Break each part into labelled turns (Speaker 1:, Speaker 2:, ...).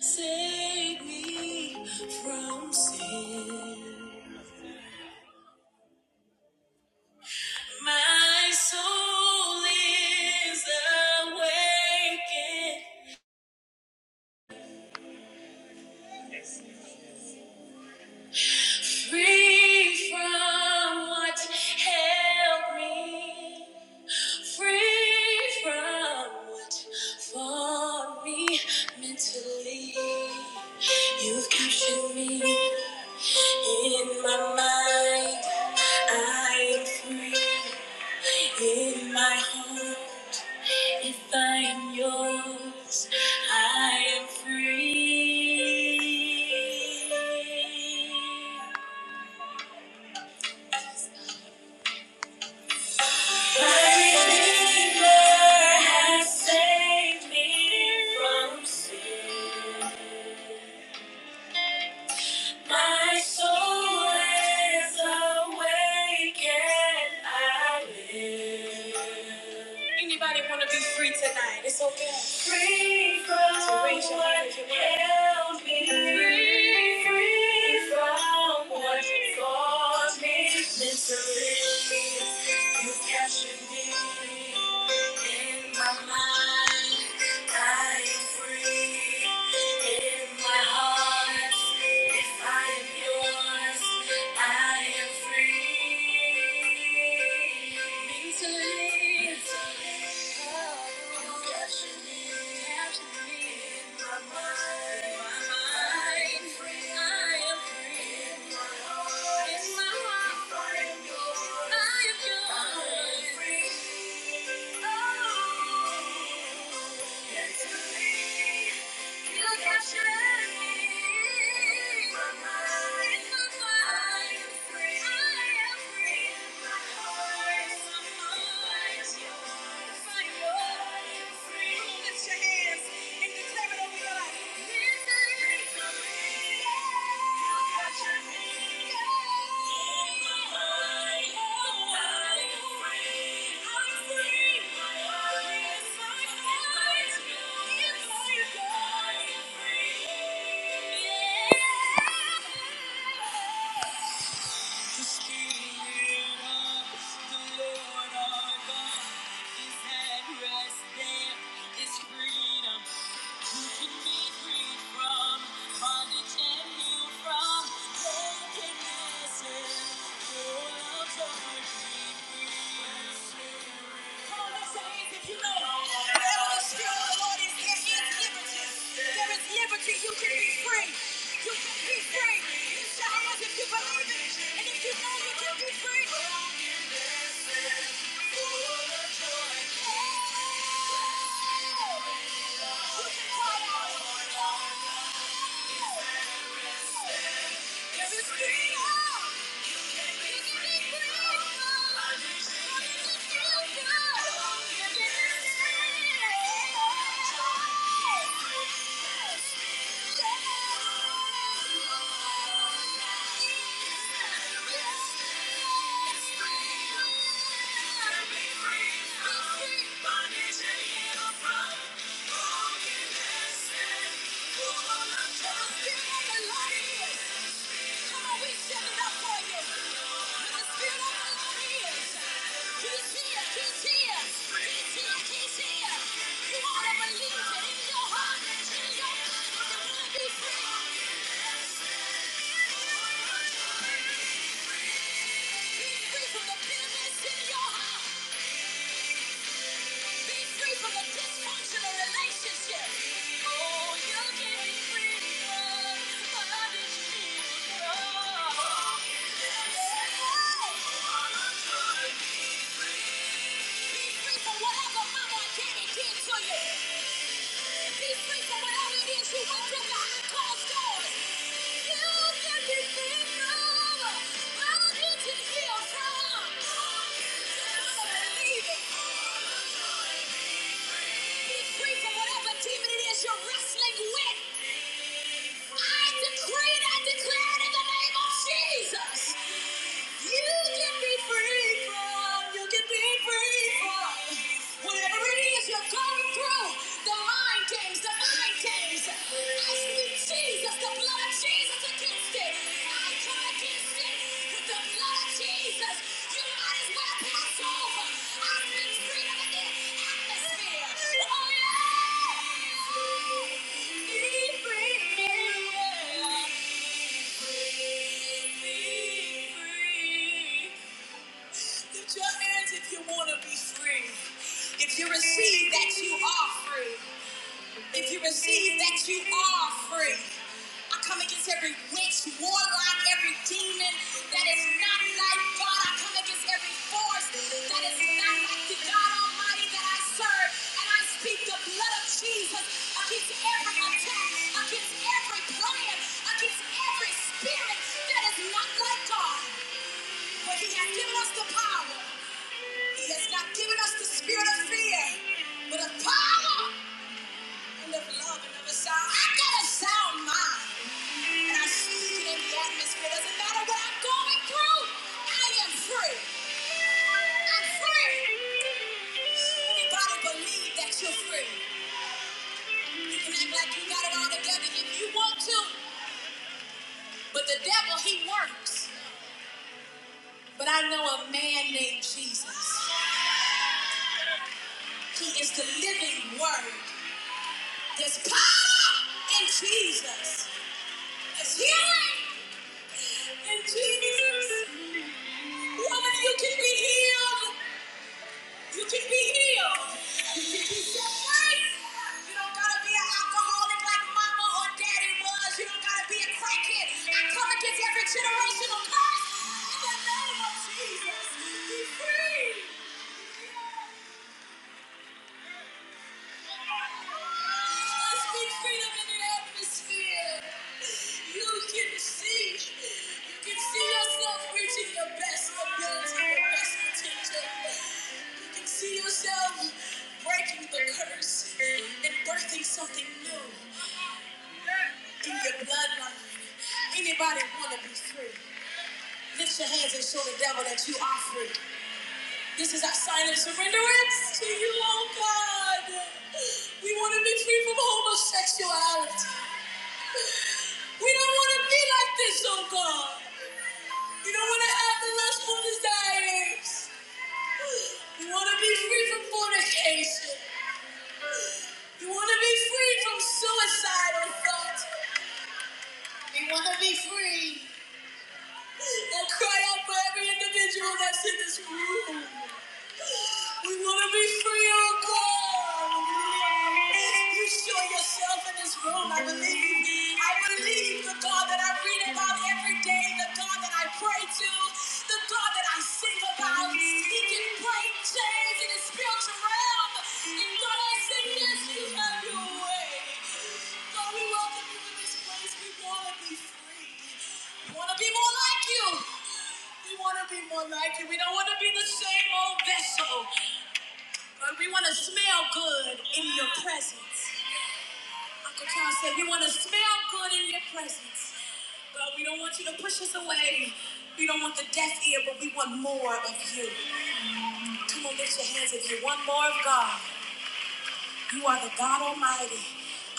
Speaker 1: Save me from sin. My soul is awakened, free from what held me, free from what fought me mentally. You've captured me in my mind. I am free. In my heart, if I am yours, I am free. My Redeemer has saved me from sin. My soul is awake and I live. Anybody want to be free tonight? It's okay. Free from so raise your hand if you want. what held me. Free, free from what caused me mentally. You captured me in my mind. I am free in my heart. If I am yours, I am free. Mentally, mentally, oh, you capture me. capture free. Thank you. Lift your hands and declare it over your life. Freedom. You can be free. You can be free. You shall if you believe it. And if you know you can be free, Cause it's me. Just give me Thank you. Come on, we stand it up for you. Where the Spirit of the Lord is, He's here, He's here, You ought to believe in your heart, in your mind, that you want to be free. Be free from the bitterness in your heart. Be free from the dysfunctional relationship. Oh, you can be free. Oh, I need you. Oh, yeah. Be free from whatever mama and daddy did to you. Be free from whatever it is you went through behind closed doors. You can be free from. I don't need to from. I'm a believer. Be free from whatever demon it is you're wrestling with. I decree and I declare it in the name of Jesus. You can be free from, you can be free from whatever it is you're going through. The mind games, the mind games. I speak Jesus, the blood of Jesus against it. I if you receive that you are free, if you receive that, you are free. I come against every witch, warlock, every demon that is not like God. I come against every force that is not like the God Almighty that I serve. And I speak the blood of Jesus against every attack, against every plan, against every spirit that is not like God. For He has given us the power. He has not given us the spirit of fear, but of power I I I'm I I'm got got a sound mind, and through atmosphere. Doesn't matter what am going free. free. I'm free, Anybody believe that you're you you you can act like you got it all together if you want to. But the devil, he works. But I know a man named Jesus. He is the living word. There's power in Jesus. There's healing In Jesus' Woman, you can be healed. You can be healed. You can be set free. You don't gotta be an alcoholic like mama or daddy was. You don't gotta be a crackhead. I come against every generational curse. In the name of Jesus, be free. let speak freedom in the atmosphere. You can see, you can see yourself reaching your best your best potential. You can see yourself breaking the curse and birthing something new in your bloodline. Anybody want to be free? Lift your hands and show the devil that you are free. This is our sign of surrenderance to you, oh God. We want to be free from homosexuality. We don't want to be like this, oh God. We don't want to have the lustful desires. We want to be free from fornication. We want to be free from suicidal thoughts. We want to be free and cry out for every individual that's in this room. We want to be free, oh God. You show yourself in this room. I believe. I believe the God that I read about every day, the God that I pray to, the God that I sing about. He can break chains in the spiritual realm. And God, I say yes, you have your way. God, we welcome you in this place. We want to be free. We want to be more like you. We want to be more like you. We don't want to be the same old vessel. Lord, we want to smell good in your presence. Uncle Charles said, We want to smell good in your presence. God, we don't want you to push us away. We don't want the deaf ear, but we want more of you. Come on, lift your hands if you want more of God. You are the God Almighty.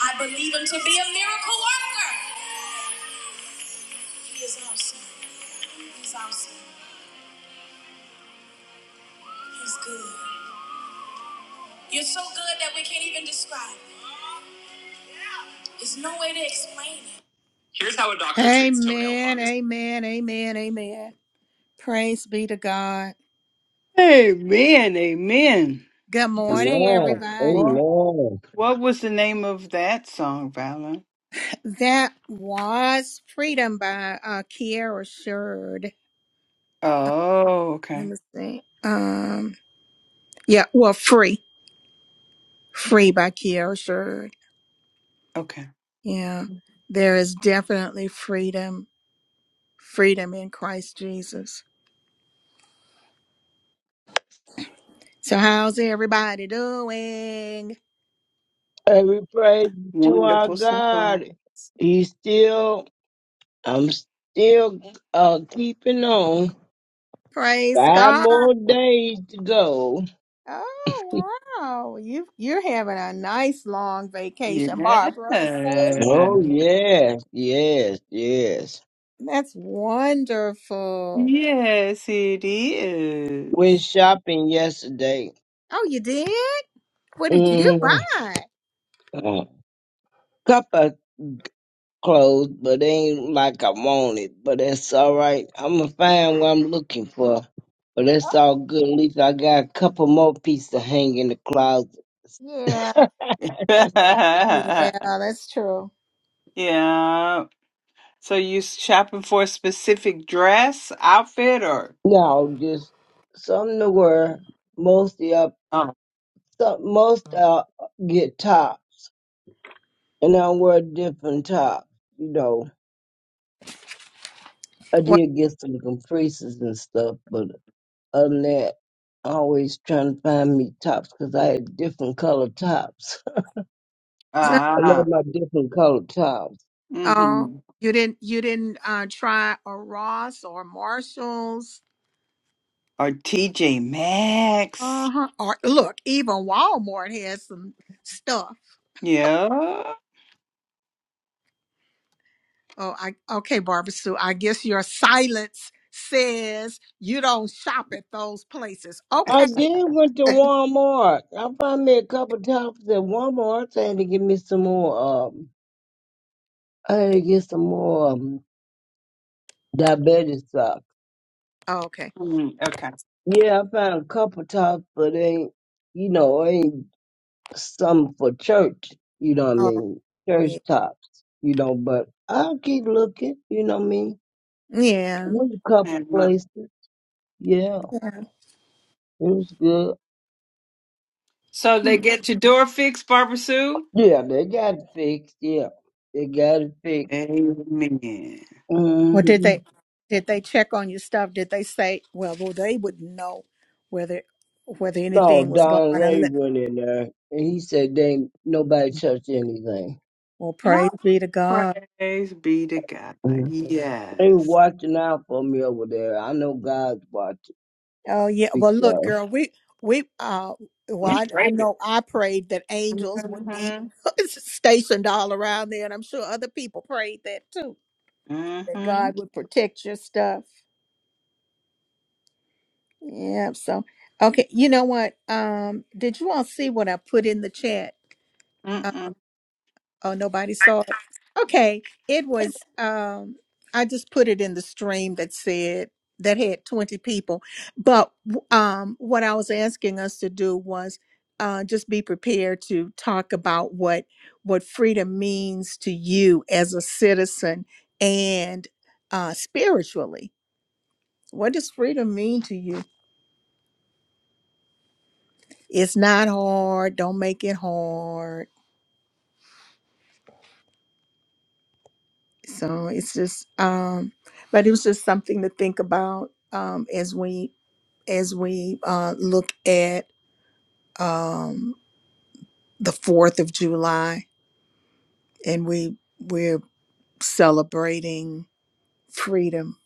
Speaker 1: I believe him to be a miracle worker. He is awesome. He's awesome. He's good. You're so good that we can't even describe. There's no way to explain it. Here's how a doctor treats toenail Amen, toenail fungus. amen, amen, amen. Praise be to God.
Speaker 2: Amen, amen.
Speaker 1: Good morning,
Speaker 3: Lord, oh
Speaker 1: everybody.
Speaker 2: Wow.
Speaker 3: Lord,
Speaker 2: What was the name of that song, Valen?
Speaker 1: That was Freedom by uh, Kiara Sherd. Uh,
Speaker 2: Oh,
Speaker 1: let
Speaker 2: okay,
Speaker 1: me see. Um, yeah, well, Free. Free by Kiara Sherd.
Speaker 2: okay.
Speaker 1: Yeah, there is definitely freedom, freedom in Christ Jesus. So, how's everybody doing?
Speaker 3: Every praise to our
Speaker 2: Wonderful
Speaker 3: God.
Speaker 2: songwriter.
Speaker 3: He's still, I'm still uh, keeping on.
Speaker 1: Praise
Speaker 3: Five
Speaker 1: God.
Speaker 3: more days to go.
Speaker 1: Oh, wow. You, you're having a nice long vacation,
Speaker 2: Yeah.
Speaker 1: Barbara. So.
Speaker 3: oh yes, Yes, yes.
Speaker 1: That's wonderful.
Speaker 2: Yes, it
Speaker 3: Went
Speaker 2: is.
Speaker 3: shopping yesterday.
Speaker 1: Oh, you did? What did you
Speaker 3: Mm,
Speaker 1: buy?
Speaker 3: cup of clothes, but ain't like I want it. But that's all right. I'm gonna find what I'm looking for. But that's all good. At least I got a couple more pieces to hang in the closet.
Speaker 1: Yeah. Yeah, that's true.
Speaker 2: yeah. So you shopping for a specific dress, outfit, or
Speaker 3: No, just some to wear. Most the up,
Speaker 2: oh,
Speaker 3: some, most uh get top, and I wear different tops. You know, I
Speaker 1: Well,
Speaker 3: did get some compresses and stuff, but other than that, I always trying to find me tops because I had different colored tops. I
Speaker 2: ah,
Speaker 3: love my different colored tops.
Speaker 1: uh,
Speaker 2: mm-hmm.
Speaker 1: you didn't you didn't uh, try a Ross or Marshalls
Speaker 2: or TJ Maxx?
Speaker 1: Uh-huh. or look even Walmart has some stuff.
Speaker 2: Yeah.
Speaker 1: Oh, I okay, Barbara Sue. I guess your silence says you don't shop at those places.
Speaker 3: I
Speaker 1: Okay,
Speaker 3: did went to Walmart. I found me a couple tops at Walmart. I had to get me some more. Um, I had to get some more um, diabetes stuff.
Speaker 1: okay.
Speaker 2: Mm,
Speaker 3: Yeah, I found a couple tops, but ain't you know ain't some for church. You know what I
Speaker 1: Oh,
Speaker 3: mean? Church
Speaker 1: yeah.
Speaker 3: tops. You know, but I'll keep looking. You know what I mean?
Speaker 1: Yeah.
Speaker 3: Went a couple
Speaker 2: okay.
Speaker 3: places. Yeah, it was good.
Speaker 2: So they get your door fixed, Barbara Sue?
Speaker 3: Yeah, they got it fixed. Yeah, they got it fixed.
Speaker 2: Amen.
Speaker 1: Well, did
Speaker 3: hmm
Speaker 1: they did they check on your stuff? Did they say, well, well they wouldn't know whether whether
Speaker 3: No,
Speaker 1: anything was gone
Speaker 3: Don
Speaker 1: or
Speaker 3: Ray
Speaker 1: li-
Speaker 3: went in there and he said they ain't nobody touched anything.
Speaker 1: well,
Speaker 2: Oh,
Speaker 1: praise be to God.
Speaker 2: praise be to God.
Speaker 3: Mhm. They
Speaker 2: Yes.
Speaker 3: watching out for me over there. I know God's watching.
Speaker 1: Oh yeah. Well, look, girl, we we uh well,
Speaker 2: We
Speaker 1: I, I
Speaker 2: prayed it.
Speaker 1: know I prayed that angels would be
Speaker 2: Mm-hmm.
Speaker 1: stationed all around there, and I'm sure other people prayed that too, that
Speaker 2: Mm-hmm.
Speaker 1: God would protect your stuff. Yeah. So, okay, you know what? Um, did you all see what I put in the chat?
Speaker 2: Mm-mm.
Speaker 1: Oh, nobody saw it. Okay. It was um I just put it in the stream that said that had 20 people. But w- um what I was asking us to do was uh just be prepared to talk about what what freedom means to you as a citizen and uh spiritually. What does freedom mean to you? It's not hard. Don't make it hard so it's just um but it was just something to think about um as we as we uh look at um the 4th of July and we we're celebrating freedom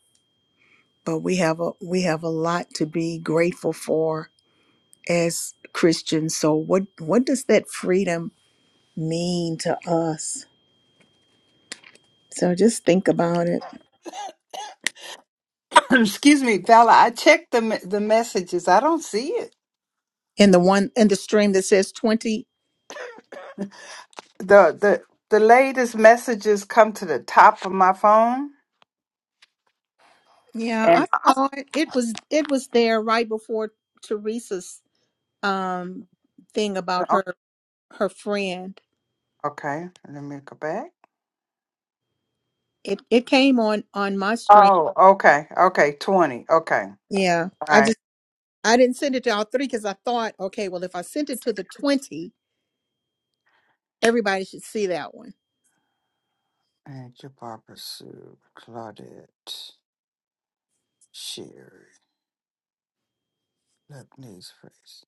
Speaker 1: but we have a we have a lot to be grateful for as Christians so what what does that freedom mean to us so just think about it
Speaker 2: Excuse me, Vala. I checked the me- the messages. I don't see it.
Speaker 1: and the one and the stream that says 20
Speaker 2: The the the latest messages come to the top of my phone.
Speaker 1: Yeah, I
Speaker 2: And
Speaker 1: saw it. It was it was there right before Teresa's um thing about her her friend.
Speaker 2: okay, let me go back.
Speaker 1: It it came on on my stream.
Speaker 2: Oh, okay, okay, twenty. Okay,
Speaker 1: Yeah,
Speaker 2: all
Speaker 1: I
Speaker 2: right.
Speaker 1: just I didn't send it to all three because I thought, okay, well, if I sent it to the twenty, everybody should see that one.
Speaker 2: Thank you, Barbara Sue, Claudette. Share it. Look, news first.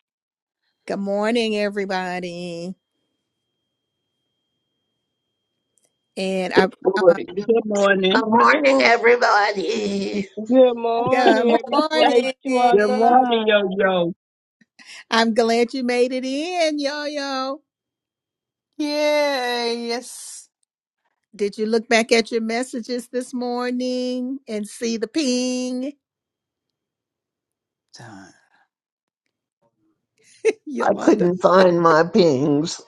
Speaker 1: Good morning, everybody, and I.
Speaker 4: Boy,
Speaker 1: Uh,
Speaker 5: Good morning.
Speaker 6: Good morning, everybody.
Speaker 3: Good
Speaker 1: Good
Speaker 3: morning, every praise to our
Speaker 5: Good
Speaker 1: morning.
Speaker 5: morning, yo
Speaker 3: God.
Speaker 5: yo.
Speaker 1: I'm glad you made it in, yo yo.
Speaker 2: Yay! Yes.
Speaker 1: Did you look back at your messages this morning and see the ping,
Speaker 2: Time.
Speaker 6: I
Speaker 1: Yolanda?
Speaker 6: couldn't find my pings.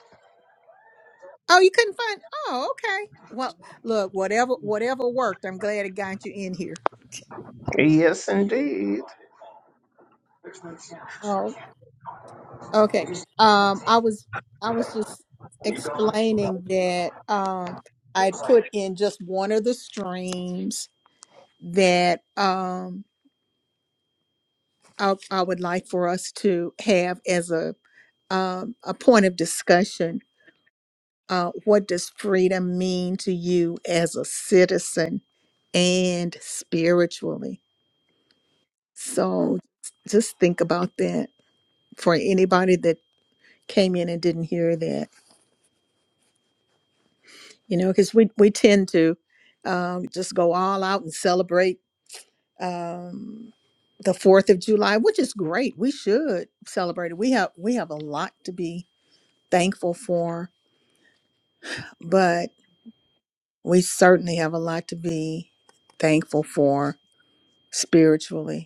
Speaker 1: Oh, you couldn't find. Oh, okay. Well, look, whatever whatever worked. I'm glad it got you in here.
Speaker 6: Yes, indeed.
Speaker 1: Oh, okay. Um, I was I was just explaining that um I put in just one of the streams that um I, I would like for us to have as a um, a point of discussion uh, what does freedom mean to you as a citizen and spiritually? So just think about that for anybody that came in and didn't hear that, you know, because we, we tend to um, just go all out and celebrate um, the 4th of July, which is great. We should celebrate it. We have, we have a lot to be thankful for, but we certainly have a lot to be thankful for spiritually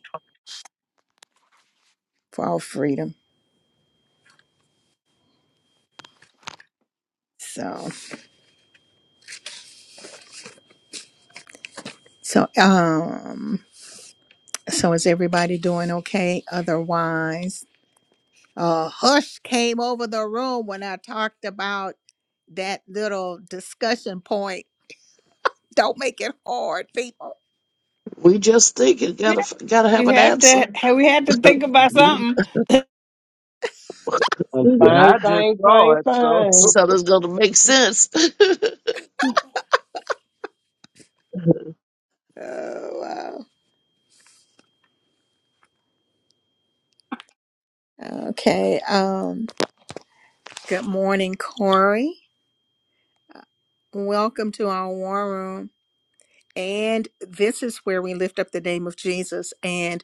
Speaker 1: for our freedom. So, so, um, so is everybody doing okay? Otherwise, a hush came over the room when I talked about that little discussion point. Don't make it hard, people.
Speaker 4: we just think it
Speaker 2: Yeah,
Speaker 4: gotta gotta have
Speaker 2: You
Speaker 4: an
Speaker 2: have to.
Speaker 4: answer.
Speaker 2: have- We had to think about something.
Speaker 3: I'm
Speaker 5: And
Speaker 3: fine,
Speaker 5: I just
Speaker 3: fine,
Speaker 5: saw
Speaker 3: fine,
Speaker 5: it, so.
Speaker 3: fine.
Speaker 4: So it's gonna make sense. you
Speaker 1: Oh, wow. Okay. Um, good morning, Corey. Welcome to our war room. And this is where we lift up the name of Jesus. and.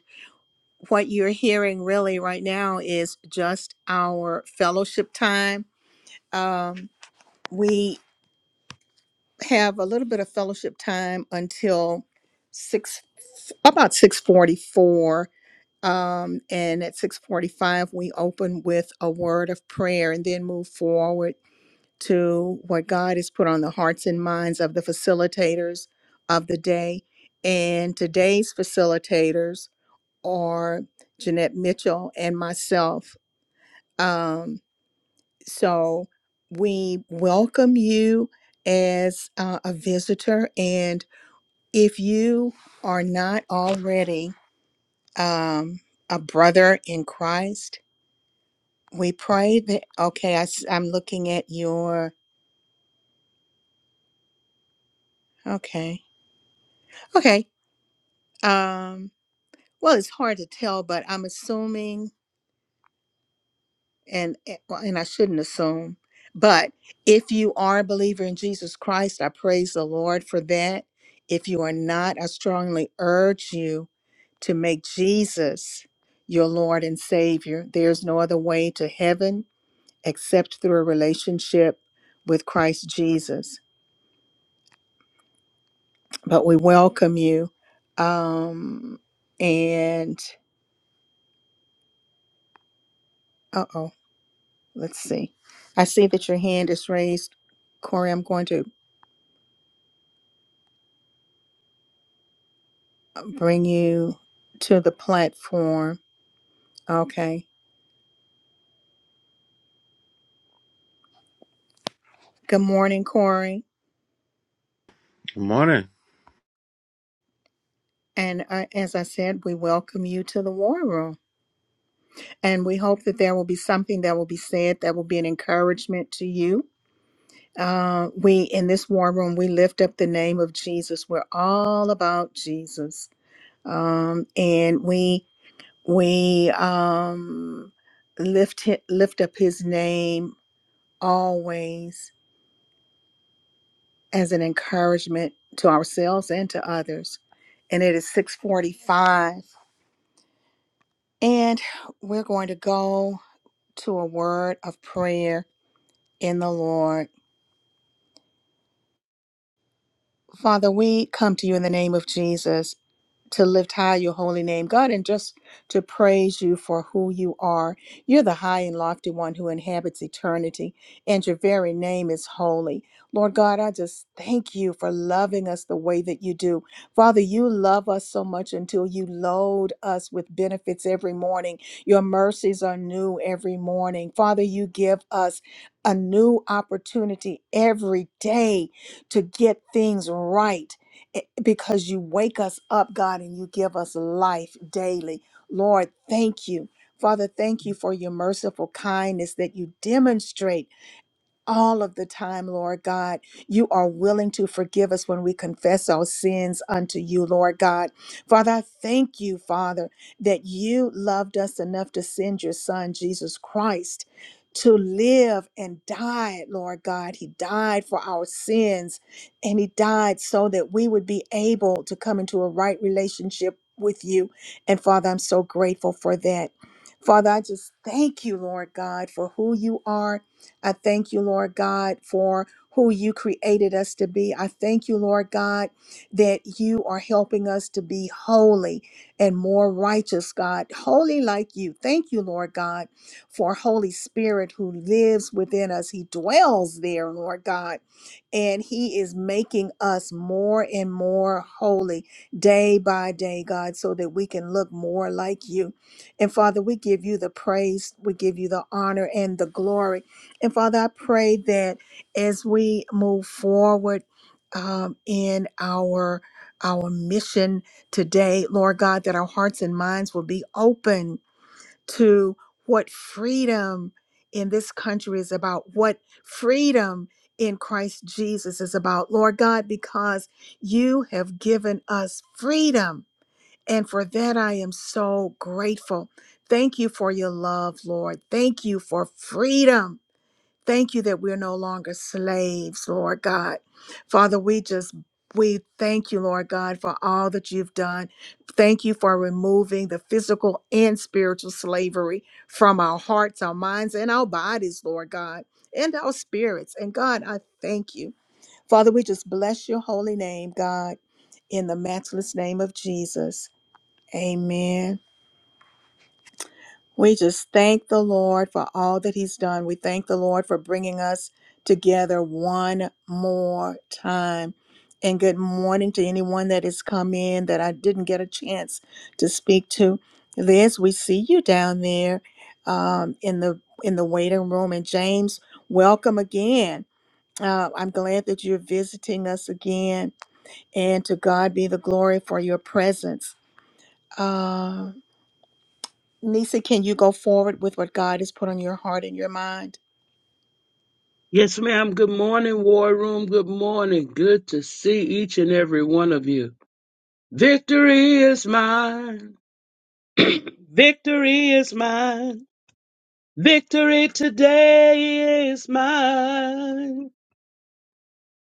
Speaker 1: what you're hearing really right now is just our fellowship time. Um, we have a little bit of fellowship time until six, about six forty-four, um, and at six forty-five we open with a word of prayer and then move forward to what God has put on the hearts and minds of the facilitators of the day. And today's facilitators are Jeanette Mitchell and myself Um, so we welcome you as uh, a visitor. And if you are not already um, a brother in Christ, we pray that, okay, I, am looking at your, okay, okay. Um, well, it's hard to tell, but I'm assuming and eh, well, and I shouldn't assume, but if you are a believer in Jesus Christ, I praise the Lord for that. If you are not, I strongly urge you to make Jesus your Lord and Savior. There's no other way to heaven except through a relationship with Christ Jesus. But we welcome you. Um, and uh oh, let's see. I see that your hand is raised. Corey, I'm going to bring you to the platform. Okay. Good morning, Corey.
Speaker 7: Morning.
Speaker 1: And uh, as I said, we welcome you to the war room. And we hope that there will be something that will be said that will be an encouragement to you. Uh, we, in this war room, we lift up the name of Jesus. We're all about Jesus. Um, and we, we, um, lift, hi- lift up his name always as an encouragement to ourselves and to others. And it is 645. And we're going to go to a word of prayer in the Lord. Father, we come to you in the name of Jesus to lift high your holy name, God, and just to praise you for who you are. You're the high and lofty one who inhabits eternity, and your very name is holy. Lord God, I just thank you for loving us the way that you do. Father, you love us so much until you load us with benefits every morning. Your mercies are new every morning. Father, you give us a new opportunity every day to get things right eh, because you wake us up, God, and you give us life daily. Lord, thank you. Father, thank you for your merciful kindness that you demonstrate all of the time, Lord God. You are willing to forgive us when we confess our sins unto you, Lord God. Father, I thank you, Father, that you loved us enough to send your Son, Jesus Christ. To live and die, Lord God. He died for our sins and He died so that we would be able to come into a right relationship with you. And Father, I'm so grateful for that. Father, I just thank you, Lord God, for who you are I thank you, Lord God, for who you created us to be. I thank you, Lord God, that you are helping us to be holy and more righteous, God, holy like you. Thank you, Lord God, for Holy Spirit who lives within us. He dwells there, Lord God, and he is making us more and more holy day by day, God, so that we can look more like you. And Father, we give you the praise, we give you the honor and the glory. And Father, I pray that as we move forward um, in our our mission today, Lord God, that our hearts and minds will be open to what freedom in this country is about, what freedom in Christ Jesus is about, Lord God, because you have given us freedom. And for that, I am so grateful. Thank you for your love, Lord. Thank you for freedom Thank you that we're no longer slaves, Lord God. Father, we just we thank you, Lord God, for all that you've done. Thank you for removing the physical and spiritual slavery from our hearts, our minds, and our bodies, Lord God, and our spirits. And God, I thank you. Father, we just bless your holy name, God, in the matchless name of Jesus. Amen. We just thank the Lord for all that He's done. We thank the Lord for bringing us together one more time. And good morning to anyone that has come in that I didn't get a chance to speak to. Liz, we see you down there um, in the in the waiting room. And James, welcome again. Uh, I'm glad that you're visiting us again. And to God be the glory for your presence. Uh, Nisa, can you go forward with what God has put on your heart and your mind?
Speaker 5: Yes, ma'am. Good morning, War Room. Good morning. Good to see each and every one of you. Victory is mine. Victory is mine. Victory today is mine.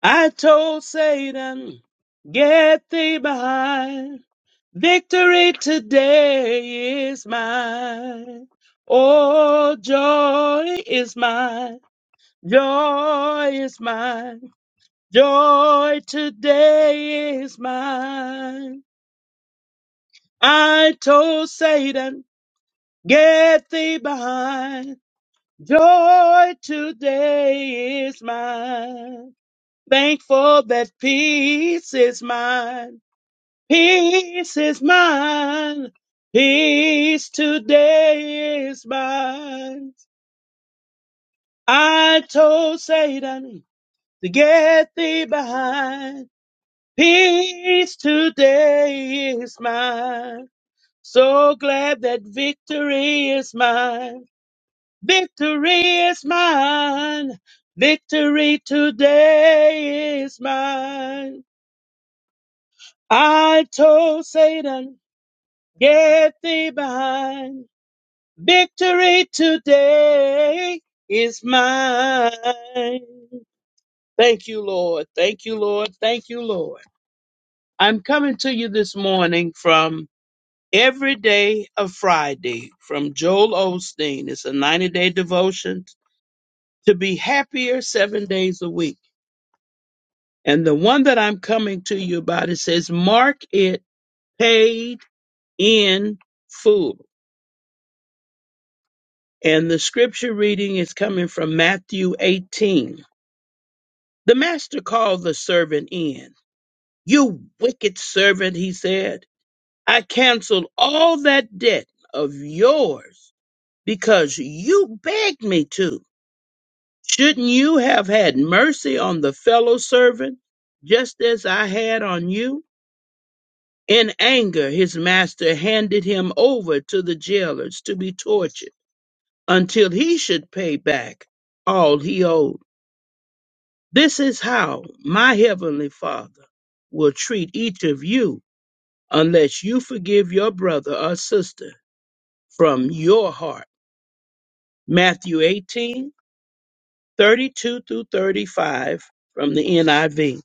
Speaker 5: I told Satan, get thee behind. Victory today is mine. Oh, joy is mine. Joy is mine. Joy today is mine. I told Satan, get thee behind. Joy today is mine. Thankful that peace is mine. Peace is mine. Peace today is mine. I told Satan to get thee behind. Peace today is mine. So glad that victory is mine. Victory is mine. Victory today is mine. I told Satan, get thee behind. Victory today is mine. Thank you, Lord. Thank you, Lord. Thank you, Lord. I'm coming to you this morning from Every Day of Friday from Joel Osteen. It's a 90 day devotion to be happier seven days a week. And the one that I'm coming to you about, it says, Mark it paid in full. And the scripture reading is coming from Matthew 18. The master called the servant in. You wicked servant, he said. I canceled all that debt of yours because you begged me to. Shouldn't you have had mercy on the fellow servant just as I had on you? In anger, his master handed him over to the jailers to be tortured until he should pay back all he owed. This is how my heavenly father will treat each of you unless you forgive your brother or sister from your heart. Matthew 18 32 through 35 from the NIV. I V.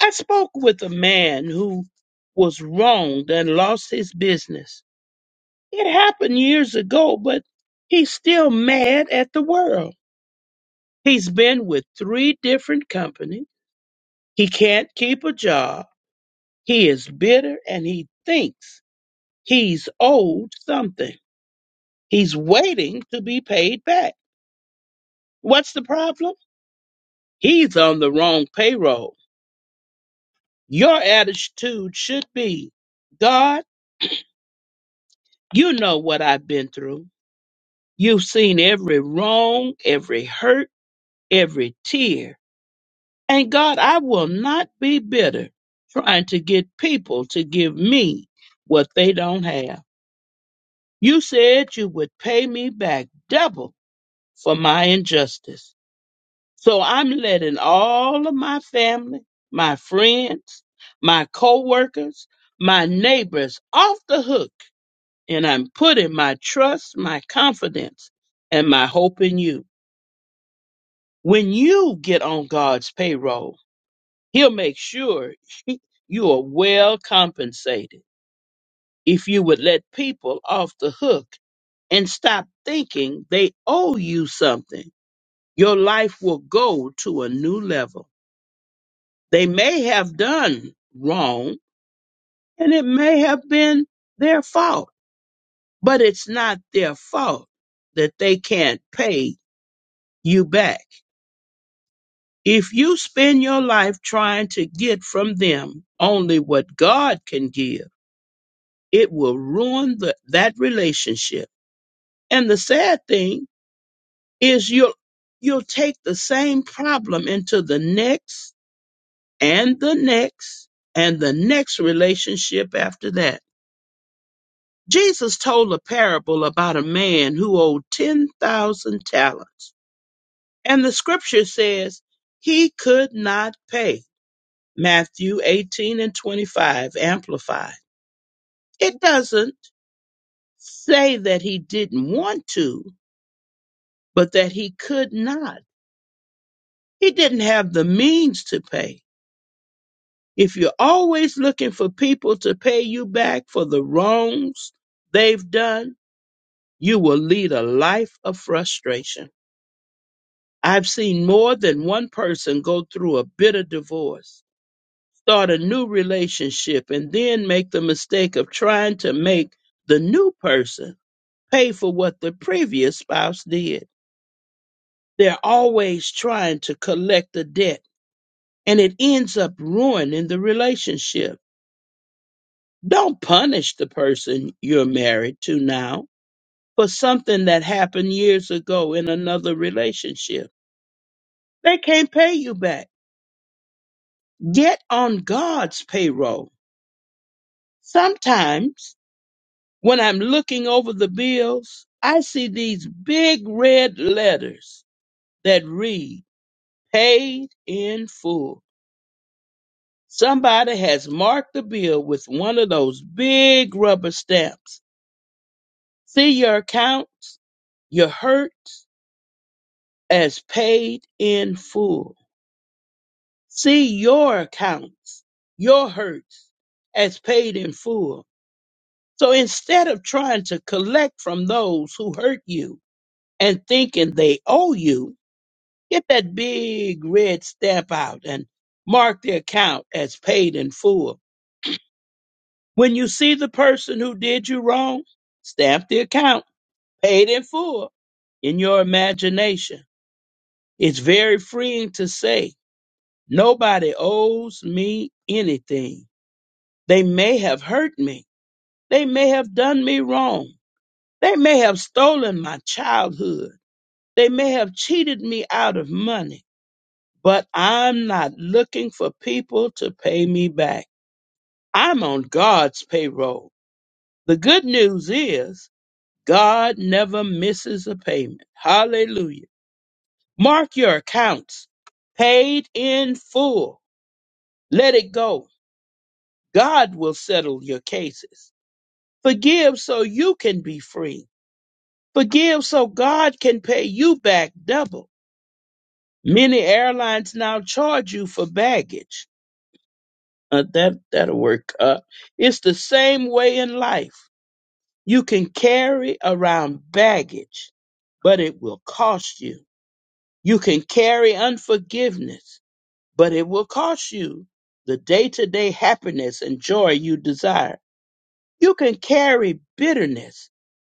Speaker 5: I spoke with a man who was wronged and lost his business. It happened years ago, but he's still mad at the world. He's been with three different companies. He can't keep a job. He is bitter and he thinks he's owed something. He's waiting to be paid back. What's the problem? He's on the wrong payroll. Your attitude should be God, you know what I've been through. You've seen every wrong, every hurt, every tear. And God, I will not be bitter trying to get people to give me what they don't have. You said you would pay me back double for my injustice. So I'm letting all of my family, my friends, my coworkers, my neighbors off the hook, and I'm putting my trust, my confidence, and my hope in you. When you get on God's payroll, He'll make sure you are well compensated. If you would let people off the hook and stop thinking they owe you something, your life will go to a new level. They may have done wrong and it may have been their fault, but it's not their fault that they can't pay you back. If you spend your life trying to get from them only what God can give, it will ruin the, that relationship. And the sad thing is you'll you'll take the same problem into the next and the next and the next relationship after that Jesus told a parable about a man who owed 10,000 talents. And the scripture says he could not pay. Matthew 18 and 25, amplified. It doesn't say that he didn't want to, but that he could not. He didn't have the means to pay. If you're always looking for people to pay you back for the wrongs they've done, you will lead a life of frustration. I've seen more than one person go through a bitter divorce, start a new relationship, and then make the mistake of trying to make the new person pay for what the previous spouse did. They're always trying to collect the debt, and it ends up ruining the relationship. Don't punish the person you're married to now for something that happened years ago in another relationship. They can't pay you back. Get on God's payroll Sometimes when I'm looking over the bills, I see these big red letters that read paid in full. Somebody has marked the bill with one of those big rubber stamps. See your accounts, your hurts as paid in full. See your accounts, your hurts as paid in full. So instead of trying to collect from those who hurt you, and thinking they owe you, get that big red stamp out and mark the account as paid in full. When you see the person who did you wrong, stamp the account paid in full in your imagination. It's very freeing to say, nobody owes me anything. They may have hurt me. They may have done me wrong. They may have stolen my childhood. They may have cheated me out of money but I'm not looking for people to pay me back. I'm on God's payroll. The good news is God never misses a payment. Hallelujah. Mark your accounts paid in full. Let it go. God will settle your cases. Forgive so you can be free. Forgive so God can pay you back double. Many airlines now charge you for baggage Uh, that that'll work. Uh, it's the same way in life. You can carry around baggage, but it will cost you. You can carry unforgiveness, but it will cost you the day-to-day happiness and joy you desire. You can carry bitterness,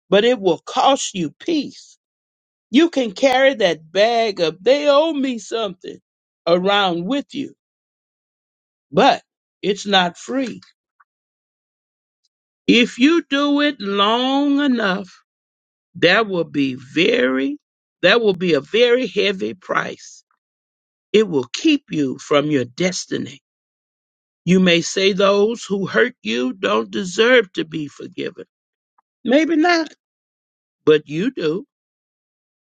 Speaker 5: but it will cost you peace. You can carry that bag of they owe me something around with you, but it's not free If you do it long enough, that will be very, that will be a very heavy price. It will keep you from your destiny. You may say those who hurt you don't deserve to be forgiven. Maybe not, but you do.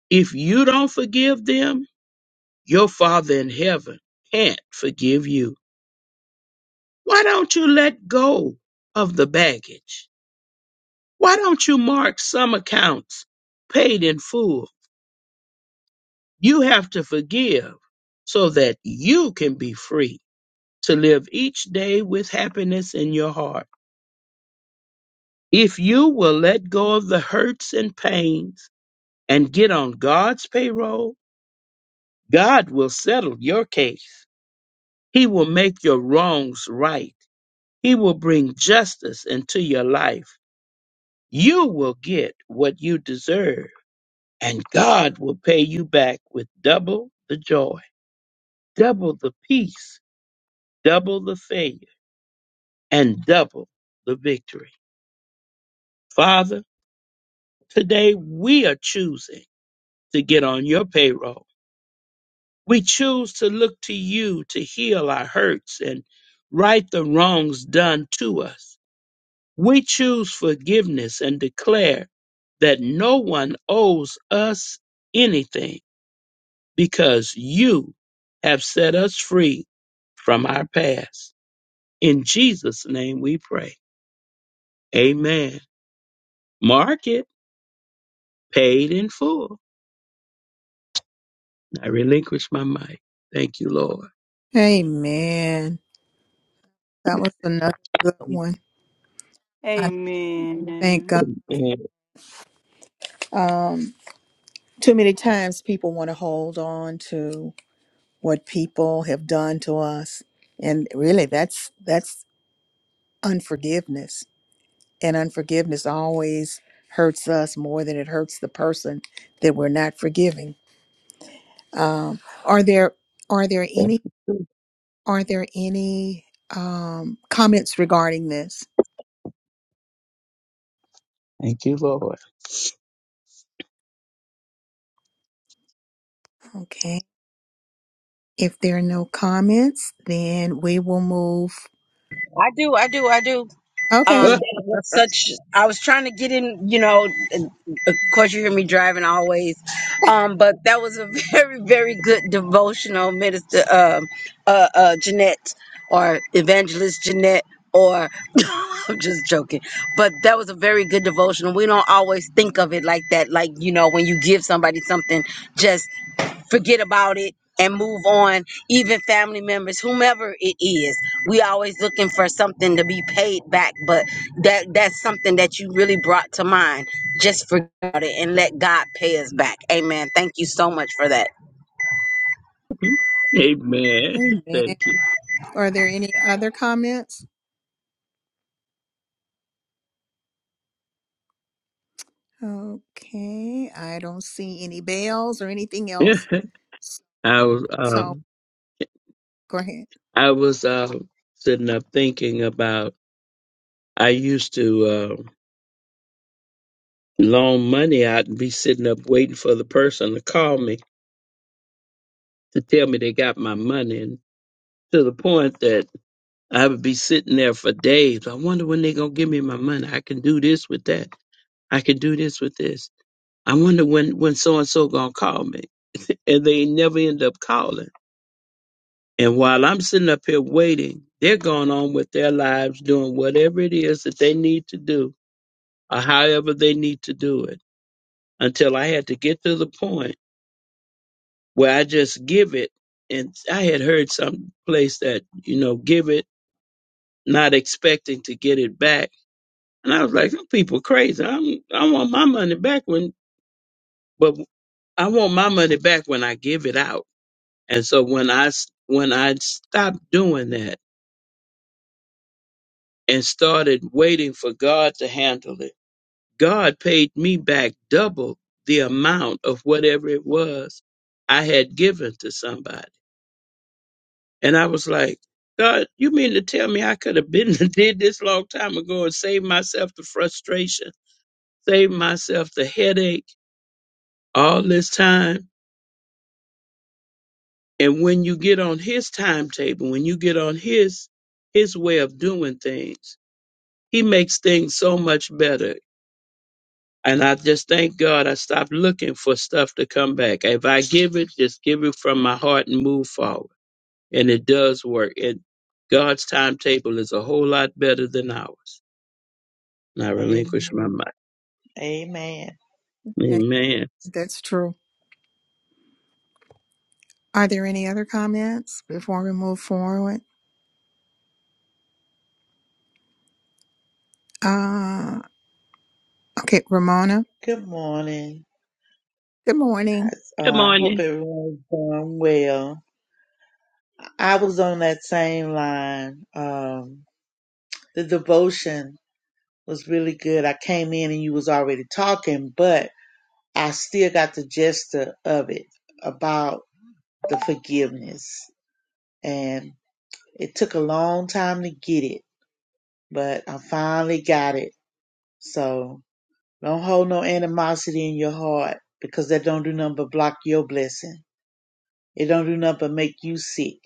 Speaker 5: If you don't forgive them, your Father in heaven can't forgive you. Why don't you let go of the baggage? Why don't you mark some accounts paid in full? You have to forgive so that you can be free to live each day with happiness in your heart. If you will let go of the hurts and pains and get on God's payroll, God will settle your case. He will make your wrongs right. He will bring justice into your life. You will get what you deserve, and God will pay you back with double the joy, double the peace, double the faith and double the victory. Father, today we are choosing to get on your payroll. We choose to look to you to heal our hurts and right the wrongs done to us. We choose forgiveness and declare that no one owes us anything because you have set us free from our past. In Jesus' name we pray. Amen. Mark it paid in full. I relinquish my mic. Thank you, Lord.
Speaker 1: Amen. That was another good one. I thank
Speaker 2: Amen.
Speaker 1: God.
Speaker 5: Amen.
Speaker 1: Um, too many times people want to hold on to what people have done to us, and really, that's that's unforgiveness. And unforgiveness always hurts us more than it hurts the person that we're not forgiving. Um, are there are there any are there any um, comments regarding this?
Speaker 5: Thank you, Lord.
Speaker 1: Okay. If there are no comments, then we will move.
Speaker 8: I do, I do, I do. Um,
Speaker 1: Okay.
Speaker 8: that it was such. I was trying to get in, you know. and Of course, you hear me driving always. Um, but that was a very, very good devotional minister, um, uh, uh, Jeanette or evangelist Jeanette. Or I'm just joking, but that was a very good devotional. We don't always think of it like that. Like you know, when you give somebody something, just forget about it and move on even family members whomever it is we always looking for something to be paid back but that that's something that you really brought to mind just forget about it and let god pay us back amen thank you so much for that
Speaker 5: Amen.
Speaker 1: Amen.
Speaker 5: Thank you.
Speaker 1: Are there any other comments? Okay. I don't see any bells or anything else.
Speaker 5: I was
Speaker 1: So
Speaker 5: um
Speaker 1: go ahead.
Speaker 5: I was uh sitting up thinking about I used to uh, loan money out and be sitting up waiting for the person to call me to tell me they got my money and to the point that I would be sitting there for days. I wonder when they're gonna give me my money. I can do this with that. I can do this with this. I wonder when when so and so gonna call me, and they never end up calling. And while I'm sitting up here waiting, they're going on with their lives, doing whatever it is that they need to do, or however they need to do it. Until I had to get to the point where I just give it, and I had heard some place that you know give it, not expecting to get it back, and I was like, "Some people crazy. I'm, I want my money back when, but I want my money back when I give it out." And so when I s- when I stopped doing that and started waiting for God to handle it, God paid me back double the amount of whatever it was I had given to somebody. And I was like, God, you mean to tell me I could have been did this long time ago and saved myself the frustration, saved myself the headache all this time? And when you get on his timetable, when you get on his his way of doing things, He makes things so much better. And I just thank God I stopped looking for stuff to come back. If I give it, just give it from my heart and move forward. And it does work. And God's timetable is a whole lot better than ours. And I relinquish my
Speaker 9: Amen.
Speaker 5: mind.
Speaker 9: Amen.
Speaker 1: Hey,
Speaker 5: Amen.
Speaker 1: That's true. Are there any other comments before we move forward? Uh, okay, Ramona.
Speaker 9: Good morning.
Speaker 1: Good morning.
Speaker 9: I
Speaker 5: Good
Speaker 9: uh, hope
Speaker 5: morning.
Speaker 9: everyone's doing well. I was on that same line. Um, the devotion was really good. I came in and you was already talking, but I still got the gist of it about the forgiveness. And it took a long time to get it, but I finally got it. So don't hold no animosity in your heart because that don't do nothing but block your blessing. It don't do nothing but make you sick.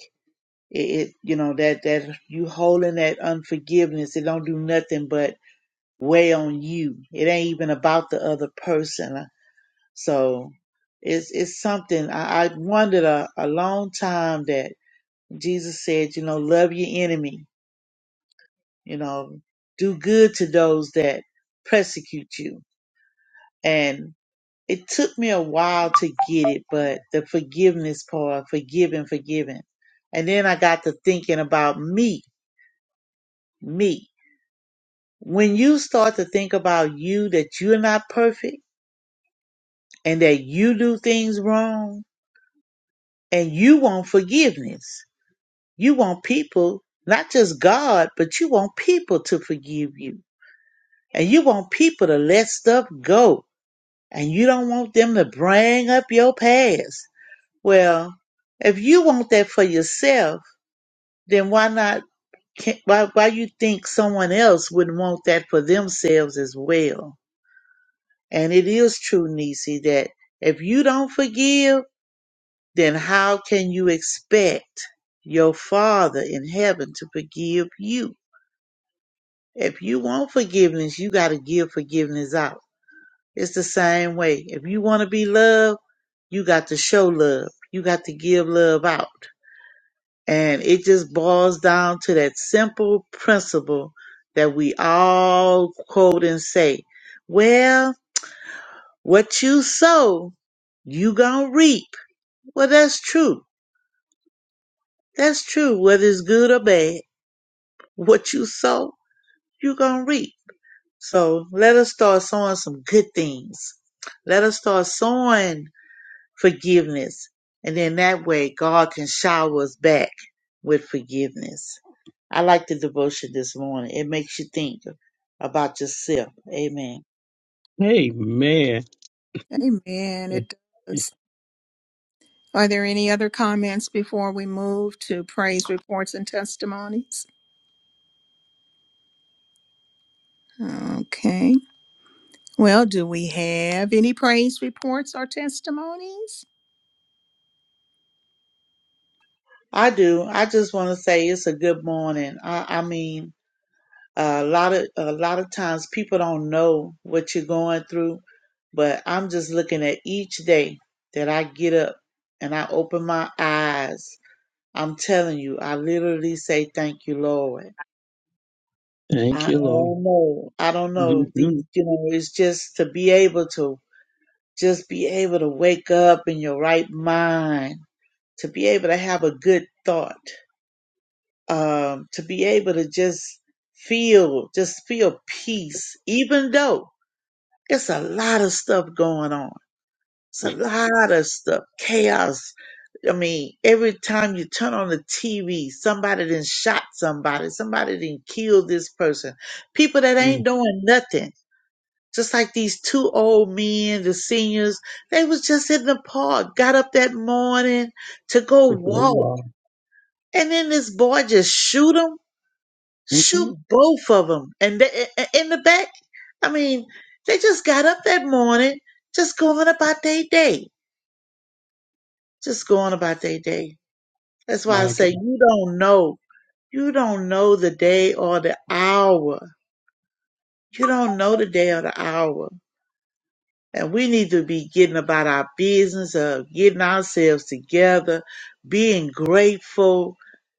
Speaker 9: It, it you know that that you holding that unforgiveness. It don't do nothing but weigh on you. It ain't even about the other person. Uh, So it's it's something I, I wondered a, a long time that Jesus said, you know, love your enemy. You know, do good to those that persecute you. and. it took me a while to get it, but the forgiveness part, forgiving, forgiving. And then I got to thinking about me, me. When you start to think about you, that you're not perfect and that you do things wrong and you want forgiveness, you want people, not just God, but you want people to forgive you and you want people to let stuff go and you don't want them to bring up your past. Well, if you want that for yourself, then why not? can- Why why you think someone else wouldn't want that for themselves as well? And it is true, Nisi, that if you don't forgive, then how can you expect your Father in heaven to forgive you? If you want forgiveness, you got to give forgiveness out. It's the same way. If you want to be loved, you got to show love. You got to give love out. And it just boils down to that simple principle that we all quote and say, well, what you sow, you gonna reap. Well, that's true. That's true, whether it's good or bad. What you sow, you gonna reap. So let us start sowing some good things. Let us start sowing forgiveness. And then that way God can shower us back with forgiveness. I like the devotion this morning. It makes you think about yourself. Amen.
Speaker 5: Amen.
Speaker 1: Amen. It does. Are there any other comments before we move to praise reports and testimonies? Okay. Well, do we have any praise reports or testimonies?
Speaker 9: I do. I just want to say it's a good morning. I, I mean, a lot of a lot of times people don't know what you're going through, but I'm just looking at each day that I get up and I open my eyes. I'm telling you, I literally say thank you, Lord.
Speaker 5: Thank
Speaker 9: I
Speaker 5: you, Lord.
Speaker 9: don't know. I don't know.
Speaker 5: Mm-hmm.
Speaker 9: These, you know, it's just to be able to Just be able to wake up in your right mind, to be able to have a good thought, um, to be able to just feel, just feel peace, even though it's a lot of stuff going on. It's a lot of stuff, chaos. I mean, every time you turn on the TV, somebody then shot somebody, somebody then killed this person. People that
Speaker 5: mm
Speaker 9: ain't doing nothing just like these two old men, the seniors, they was just in the park, got up that morning to go
Speaker 5: Good to know you
Speaker 9: walk.
Speaker 5: all.
Speaker 9: And then this boy just shoot them,
Speaker 5: Mm-hmm.
Speaker 9: shoot both of them. And they, i- i- in the back, I mean, they just got up that morning, just going about their day, just going about their day. That's why I
Speaker 5: My
Speaker 9: say
Speaker 5: God.
Speaker 9: you don't know. You don't know the day or the hour. You don't know the day or the hour And we need to be getting about our business of getting ourselves together, being grateful,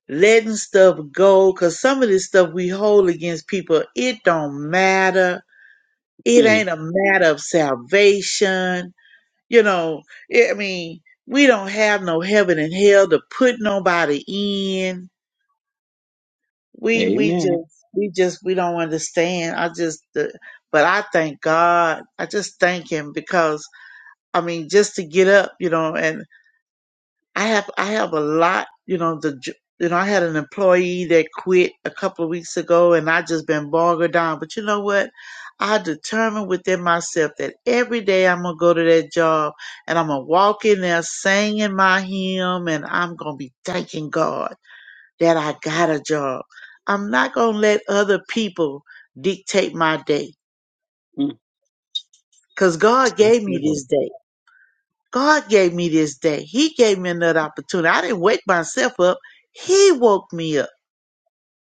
Speaker 9: letting stuff go. Cause some of this stuff we hold against people, it don't matter. It
Speaker 5: Mm.
Speaker 9: ain't a matter of salvation. You know, I mean, we don't have no heaven and hell to put nobody in. We, we
Speaker 5: Amen.
Speaker 9: just, we just, we don't understand. I just, the, but I thank God. I just thank him because I mean, just to get up, you know, and I have, I have a lot, you know, the, j- you know, I had an employee that quit a couple of weeks ago and I just been bogged down. But you know what? I determined within myself that every day I'm going to go to that job and I'm going to walk in there singing my hymn and I'm going to be thanking God that I got a job. I'm not going to let other people dictate my day
Speaker 5: Mm.
Speaker 9: because God
Speaker 5: Thank
Speaker 9: gave me
Speaker 5: you, Lord.
Speaker 9: this day. God gave me this day. He gave me another opportunity. I didn't wake myself up. He woke me up,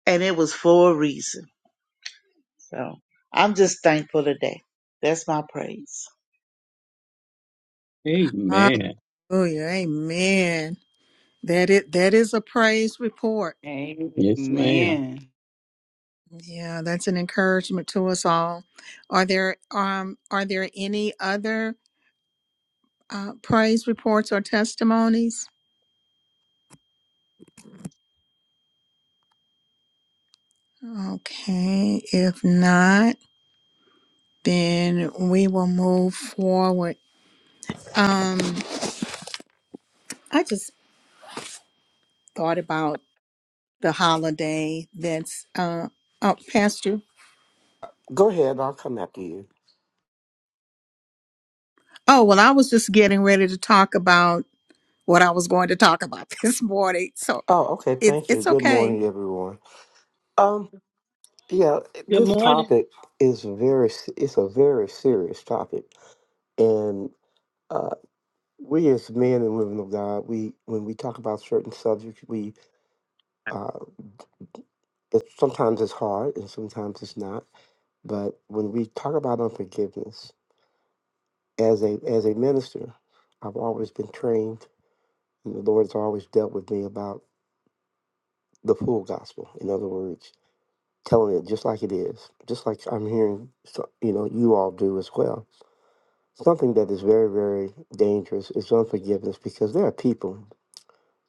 Speaker 9: and it was for a reason. So I'm just thankful today. That's my praise.
Speaker 5: Amen.
Speaker 1: Hallelujah. Amen. That it that is a praise report.
Speaker 5: Yes, ma'am.
Speaker 2: Amen.
Speaker 1: Yeah, that's an encouragement to us all. Are there um are there any other uh, praise reports or testimonies? Okay, if not, then we will move forward. Um, I just thought about the holiday that's uh up past you.
Speaker 10: Go ahead, I'll come after you.
Speaker 1: Oh well, I was just getting ready to talk about what I was going to talk about this morning, so
Speaker 10: Oh, okay,
Speaker 1: it's
Speaker 10: thank you.
Speaker 1: it's
Speaker 10: Good
Speaker 1: okay.
Speaker 10: morning, everyone. Um, yeah,
Speaker 5: Good
Speaker 10: this
Speaker 5: morning.
Speaker 10: topic is very it's a very serious topic, and uh, we as men and women of God, we when we talk about certain subjects, we uh, it, sometimes it's hard and sometimes it's not. But when we talk about unforgiveness, as a as a minister, I've always been trained, and the Lord has always dealt with me about the full gospel. In other words, telling it just like it is, just like I'm hearing, so- you know, you all do as well. Something that is very, very dangerous is unforgiveness because there are people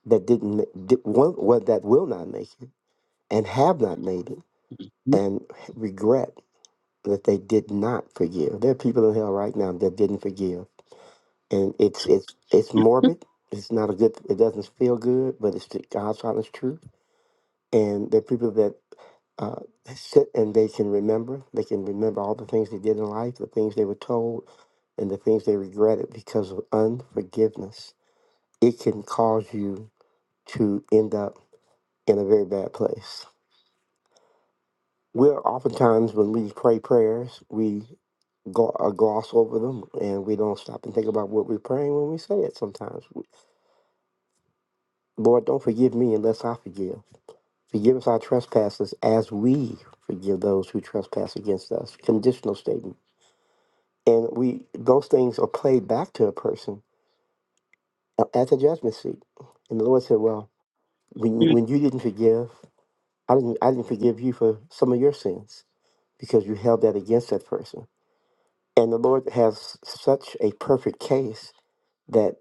Speaker 10: that didn't, ma- did, one, what that will not make it and have not made it and regret that they did not forgive. There are people in hell right now that didn't forgive, and it's it's it's morbid. It's not a good. It doesn't feel good, but it's the God's honest truth and the people that uh, sit and they can remember. They can remember all the things they did in life, the things they were told, and the things they regretted because of unforgiveness. It can cause you to end up in a very bad place. We're oftentimes, when we pray prayers, we go, uh, gloss over them and we don't stop and think about what we're praying when we say it sometimes. Lord, don't forgive me unless I forgive. Forgive us our trespasses as we forgive those who trespass against us. Conditional statement. And we those things are played back to a person uh, at the judgment seat. And the Lord said, Well, when,
Speaker 5: Mm-hmm.
Speaker 10: when you didn't forgive, I didn't I didn't forgive you for some of your sins because you held that against that person. And the Lord has such a perfect case that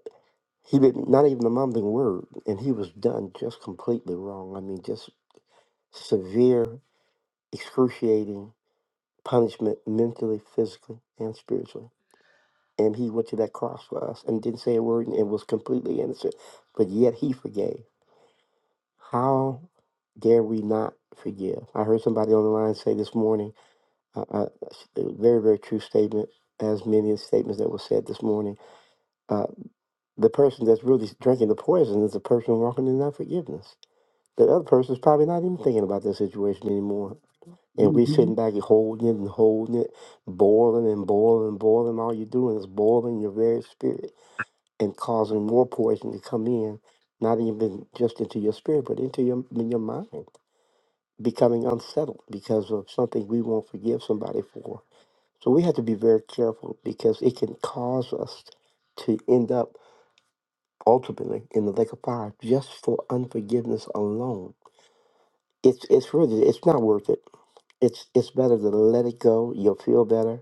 Speaker 10: he did not even a mumbling word, and he was done just completely wrong. I mean, just severe, excruciating punishment mentally, physically, and spiritually. And he went to that cross for us and didn't say a word and was completely innocent. But yet he forgave. How dare we not forgive? I heard somebody on the line say this morning uh, uh, a very, very true statement, as many of the statements that were said this morning. Uh, the person that's really drinking the poison is the person walking in that forgiveness. The other person is probably not even thinking about their situation anymore And we
Speaker 5: Mm-hmm.
Speaker 10: sitting back and holding it and holding it, boiling and boiling and boiling. All you're doing is boiling your very spirit and causing more poison to come in, not even just into your spirit, but into your in your mind, becoming unsettled because of something we won't forgive somebody for. So we have to be very careful because it can cause us to end up ultimately in the lake of fire just for unforgiveness alone. It's it's really it's not worth it. It's it's better to let it go. You'll feel better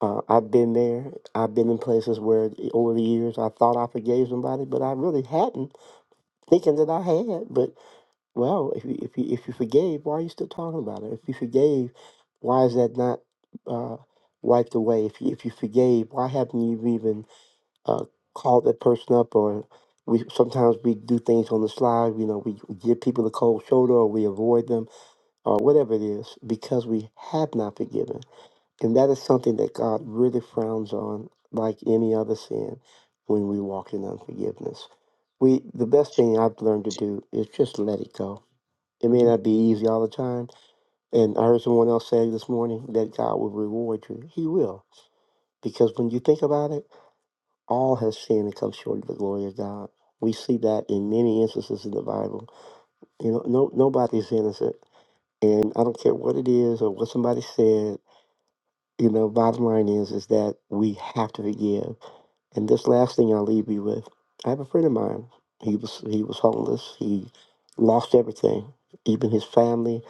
Speaker 10: Uh, I've been there. I've been in places where over the years I thought I forgave somebody, but I really hadn't, thinking that I had. But well, if you if you if you forgave, why are you still talking about it? If you forgave, why is that not uh, wiped away? If you if you forgave, why haven't you even uh, called that person up? Or we sometimes we do things on the slide. You know, we give people the cold shoulder, or we avoid them, or whatever it is, because we have not forgiven. And that is something that God really frowns on, like any other sin, when we walk in unforgiveness. We the best thing I've learned to do is just let it go. It may not be easy all the time. And I heard someone else say this morning that God will reward you. He will. Because when you think about it, all has sinned and come short of the glory of God. We see that in many instances in the Bible. You know, no nobody's innocent. And I don't care what it is or what somebody said You know, bottom line is is that we have to forgive. And this last thing I'll leave you with. I have a friend of mine. He was he was homeless. He lost everything, even his family,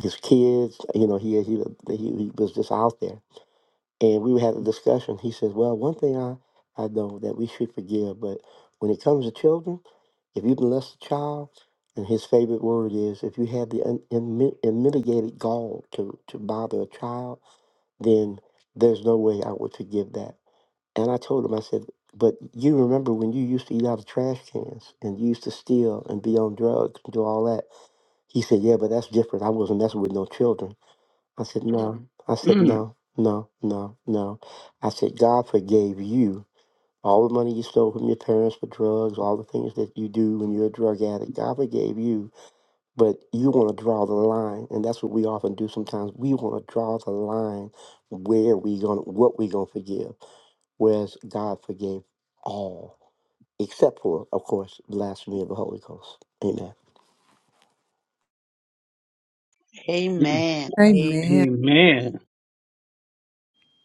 Speaker 10: his kids. You know, he he he, he was just out there. And we had a discussion. He says, "Well, one thing I I know that we should forgive, but when it comes to children, if you molest a child." And his favorite word is, if you have the un- unmi- unmitigated gall to, to bother a child, then there's no way I would forgive that. And I told him, I said, but you remember when you used to eat out of trash cans and you used to steal and be on drugs and do all that. He said, yeah, but that's different. I wasn't messing with no children. I said, no. Mhm. I said,
Speaker 5: mm
Speaker 10: no, no, no, no. I said, God forgave you all the money you stole from your parents for drugs, all the things that you do when you're a drug addict. God forgave you but you want to draw the line and that's what we often do sometimes we want to draw the line where we going to what we going to forgive whereas god forgave all except for of course blasphemy of the holy ghost amen
Speaker 5: mm.
Speaker 9: Amen. I
Speaker 1: Amen.
Speaker 5: Amen.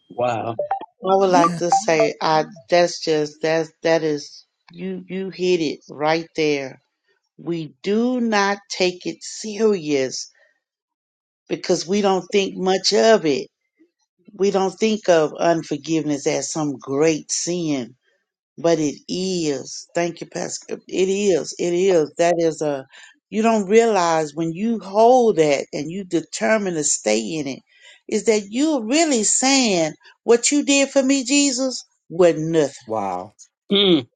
Speaker 5: Wow.
Speaker 9: would like to say, I that's just that's that is you you hit it right there. We do not take it serious because we don't think much of it. We don't think of unforgiveness as some great sin. But it is. Thank you, Pastor. It is. It is. That is a. You don't realize when you hold that and you determine to stay in it, is that you're really saying what you did for me, Jesus, was nothing.
Speaker 10: wow
Speaker 5: mm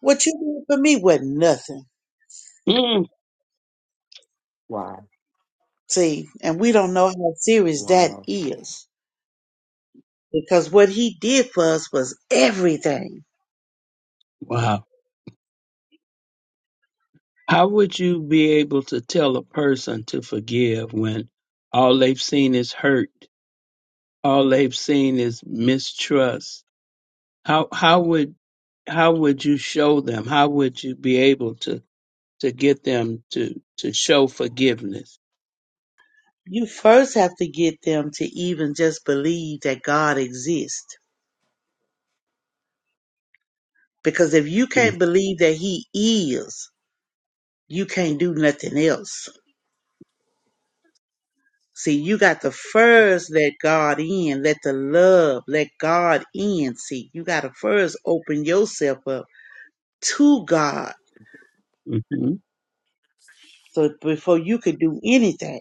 Speaker 9: What you did for me was nothing.
Speaker 5: mm.
Speaker 10: wow
Speaker 9: See, and we don't know how serious that
Speaker 10: wow
Speaker 9: is because what He did for us was everything.
Speaker 5: Wow. How would you be able to tell a person to forgive when all they've seen is hurt? All they've seen is mistrust. How how would how would you show them? How would you be able to to get them to to show forgiveness?
Speaker 9: You first have to get them to even just believe that God exists. Because if you can't believe that He is, you can't do nothing else. See, you got to first let God in, let the love, let God in. See, you got to first open yourself up to God.
Speaker 5: Mm-hmm.
Speaker 9: So before you could do anything.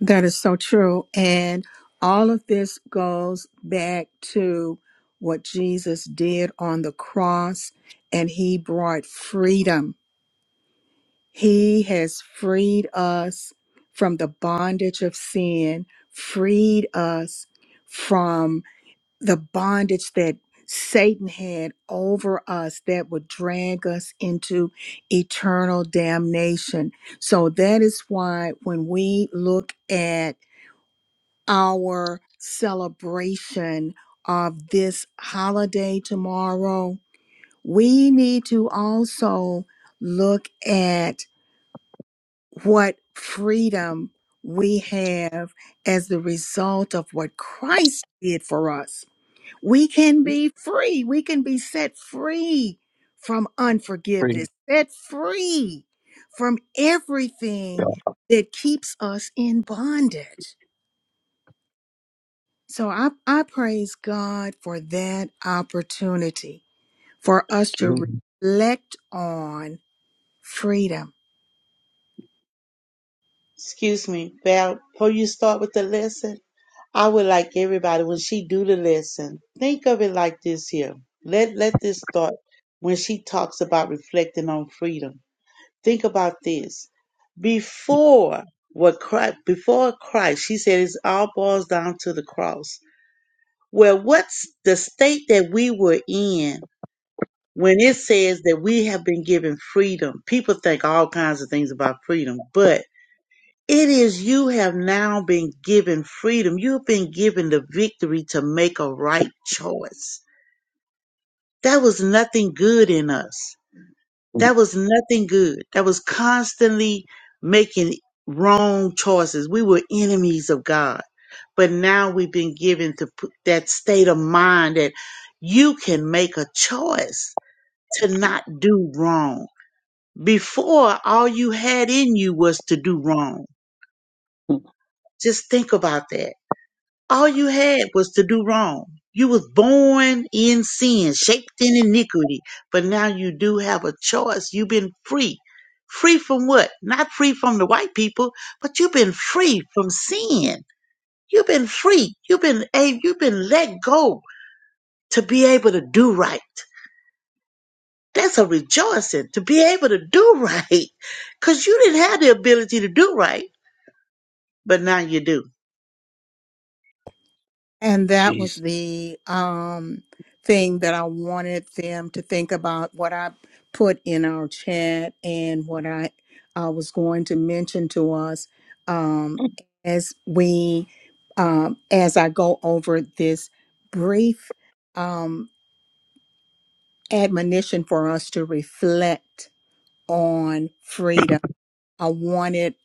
Speaker 1: That is so true. And all of this goes back to what Jesus did on the cross, and he brought freedom. He has freed us from the bondage of sin, freed us from the bondage that Satan had over us that would drag us into eternal damnation. So that is why when we look at our celebration of this holiday tomorrow, we need to also look at what freedom we have as the result of what Christ did for us. We can be free, we can be set free from
Speaker 5: Praise
Speaker 1: unforgiveness, set free from everything that keeps us in bondage. So I, I praise God for that opportunity for us to
Speaker 5: God.
Speaker 1: reflect on freedom.
Speaker 9: Excuse me, Val, before you start with the lesson, I would like everybody when she do the lesson, think of it like this here. Let let this thought when she talks about reflecting on freedom. Think about this. Before what Christ before Christ, she said it all boils down to the cross. Well, what's the state that we were in when it says that we have been given freedom? People think all kinds of things about freedom, but it is you have now been given freedom. You've been given the victory to make a right choice. There was nothing good in us. That was nothing good. That was constantly making wrong choices. We were enemies of God. But now we've been given to put that state of mind that you can make a choice to not do wrong. Before, all you had in you was to do wrong. Just think about that all you had was to do wrong. You was born in sin, shaped in iniquity, but now you do have a choice. You've been free. Free from what? Not free from the white people, but you've been free from sin. You've been free. You've been a you've been let go to be able to do right. That's a rejoicing to be able to do right. Cause you didn't have the ability to do right, but now you do
Speaker 1: And that was
Speaker 5: Jesus.
Speaker 1: the um, thing that I wanted them to think about what I put in our chat and what I uh, was going to mention to us um, as we, um, as I go over this brief um, admonition for us to reflect on freedom. I wanted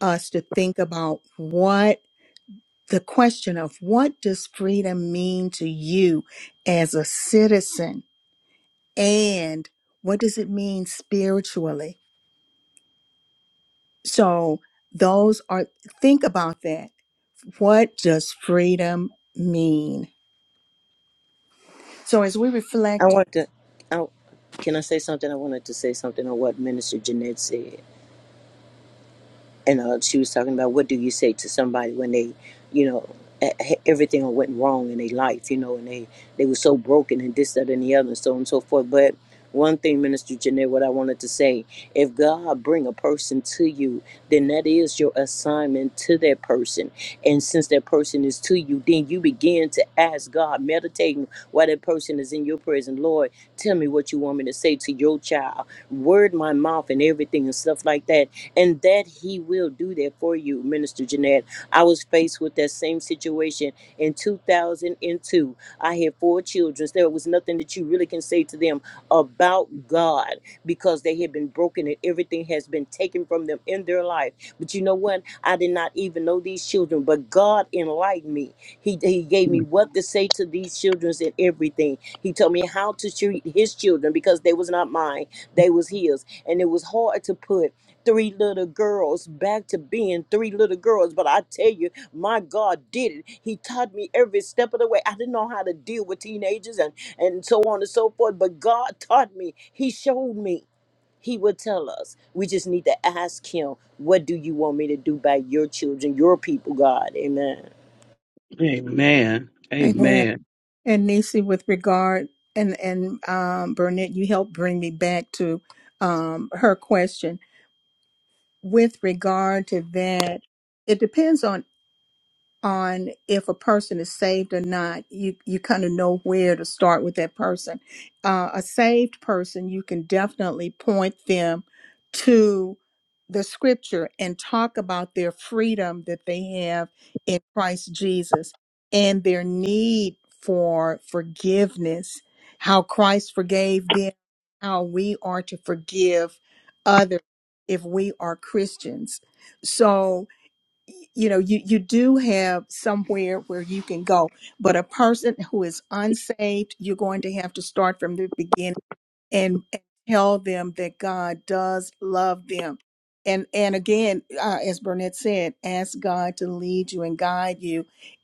Speaker 1: us to think about what the question of what does freedom mean to you as a citizen and what does it mean spiritually so those are think about that what does freedom mean so as we
Speaker 11: I
Speaker 1: reflect
Speaker 11: want to. I, can I say something? I wanted to say something on what Minister Jeanette said and uh, she was talking about what do you say to somebody when they, you know, e- e- everything went wrong in their life, you know, and they they were so broken and this, that, and the other, and so on and so forth. But one thing, Minister Janae, what I wanted to say, if God bring a person to you, then that is your assignment to that person, and since that person is to you, then you begin to ask God, meditating while that person is in your presence, Lord, tell me what you want me to say to your child, word my mouth and everything and stuff like that and that He will do that for you, Minister Jeanette. I was faced with that same situation in 2002. I had four children. There was nothing that you really can say to them about God because they had been broken and everything has been taken from them in their life. But you know what? I did not even know these children, but God enlightened me. He, he gave me what to say to these children and everything. He told me how to treat his children because they was not mine. They was his and it was hard to put three little girls back to being three little girls. But I tell you, my God did it. He taught me every step of the way. I didn't know how to deal with teenagers and, and so on and so forth, but God taught me. He showed me. He would tell us. We just need to ask Him, What do you want me to do by your children, your people, God? Amen.
Speaker 5: Amen.
Speaker 1: Amen.
Speaker 5: Amen.
Speaker 1: and Nisi with regard and and um Burnett you helped bring me back to um her question with regard to that it depends on on if a person is saved or not you you kind of know where to start with that person uh, a saved person you can definitely point them to the scripture and talk about their freedom that they have in christ jesus and their need for forgiveness how christ forgave them how we are to forgive others if we are christians so you know you you do have somewhere where you can go but a person who is unsaved you're going to have to start from the beginning and, and tell them that god does love them and and again uh, as burnett said ask god to lead you and guide you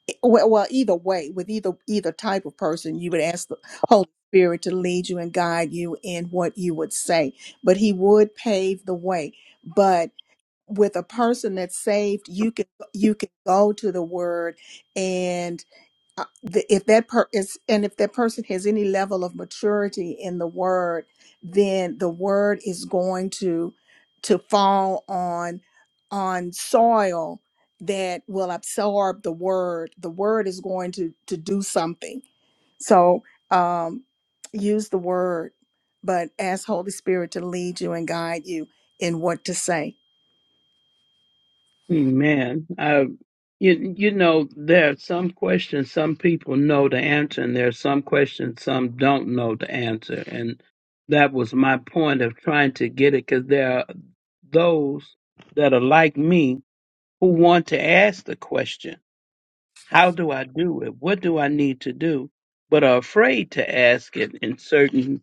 Speaker 1: I- well, well either way with either either type of person you would ask the holy spirit to lead you and guide you in what you would say but he would pave the way with a person that's saved, you can you can go to the Word, and uh, the, if that per is and if that person has any level of maturity in the Word, then the Word is going to to fall on on soil that will absorb the Word. The Word is going to to do something. So um, use the Word, but ask Holy Spirit to lead you and guide you in what to say
Speaker 5: Amen. I, you, you know, there are some questions some people know the answer, and there are some questions some don't know the answer. And that was my point of trying to get it because there are those that are like me who want to ask the question, How do I do it? What do I need to do? but are afraid to ask it in certain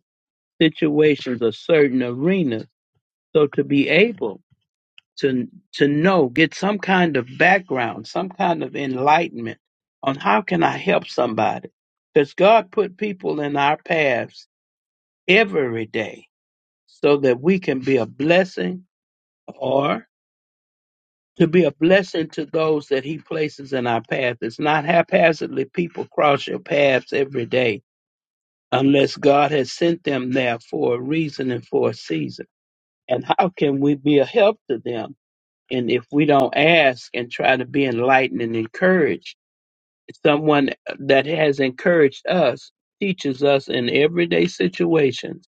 Speaker 5: situations or certain arenas. So to be able to to know, get some kind of background, some kind of enlightenment on how can I help somebody? Because God put people in our paths every day so that we can be a blessing or? to be a blessing to those that he places in our path. It's not haphazardly people cross your paths every day unless God has sent them there for a reason and for a season. And how can we be a help to them? And if we don't ask and try to be enlightened and encouraged, someone that has encouraged us teaches us in everyday situations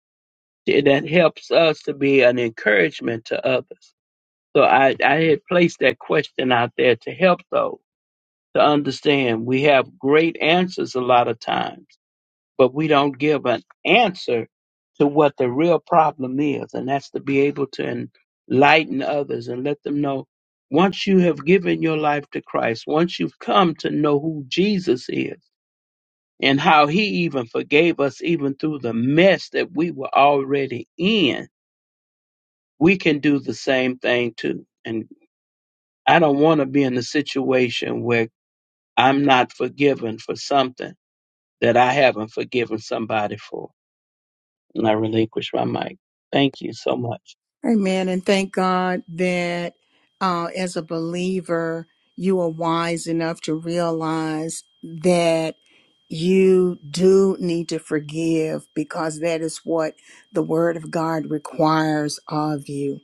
Speaker 5: that helps us to be an encouragement to others. So I, I had placed that question out there to help those. to understand. We have great answers a lot of times, but we don't give an answer to what the real problem is, and that's to be able to enlighten others and let them know once you have given your life to Christ, once you've come to know who Jesus is and how he even forgave us even through the mess that we were already in, we can do the same thing too. And I don't want to be in a situation where I'm not forgiven for something that I haven't forgiven somebody for. And I relinquish my mic. Thank you so much.
Speaker 1: Amen. And thank God that uh, as a believer, you are wise enough to realize that you do need to forgive because that is what the Word of God requires of you.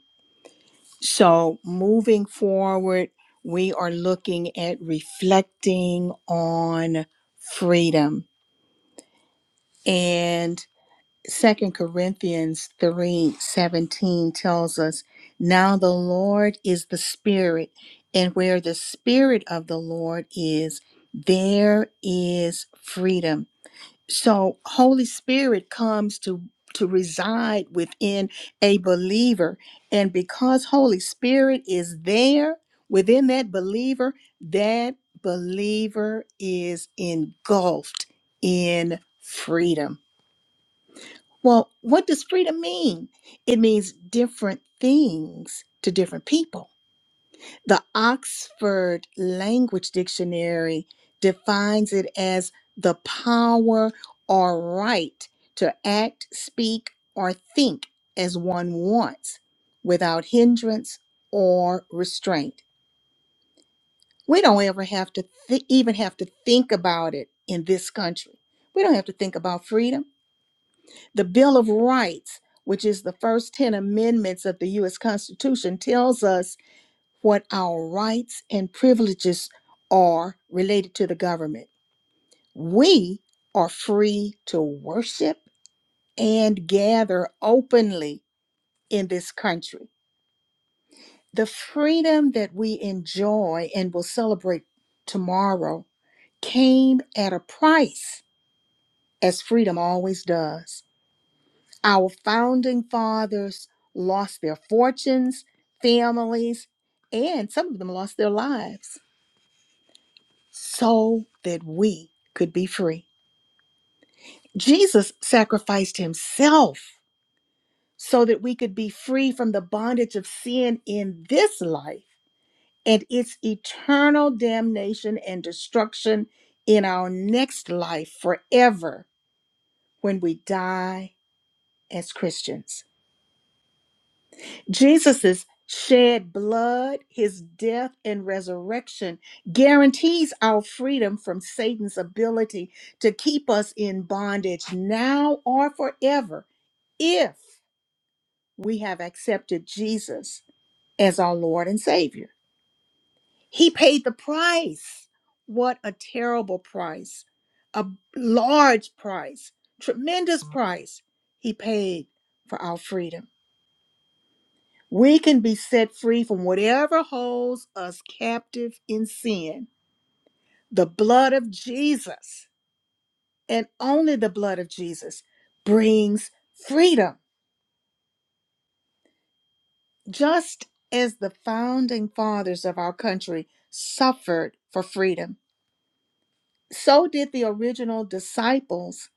Speaker 1: So moving forward, we are looking at reflecting on freedom. And Second Corinthians 3 17 tells us, Now the Lord is the Spirit, and where the Spirit of the Lord is, there is freedom. So Holy Spirit comes to to reside within a believer and because Holy Spirit is there within that believer, that believer is engulfed in freedom. Well, what does freedom mean? It means different things to different people the Oxford Language Dictionary defines it as the power or right to act, speak, or think as one wants without hindrance or restraint. We don't ever have to th- even have to think about it in this country. We don't have to think about freedom. The Bill of Rights, which is the first 10 amendments of the US Constitution, tells us what our rights and privileges are related to the government. We are free to worship and gather openly in this country. The freedom that we enjoy and will celebrate tomorrow came at a price, as freedom always does. Our founding fathers lost their fortunes, families, and some of them lost their lives. so that we could be free. Jesus sacrificed himself so that we could be free from the bondage of sin in this life and its eternal damnation and destruction in our next life forever when we die as Christians. Jesus's shed blood, his death, and resurrection guarantees our freedom from Satan's ability to keep us in bondage now or forever if we have accepted Jesus as our Lord and Savior. He paid the price. What a terrible price! A large price, tremendous price he paid for our freedom. We can be set free from whatever holds us captive in sin. The blood of Jesus, and only the blood of Jesus, brings freedom, just as the founding fathers of our country suffered for freedom. So did the original disciples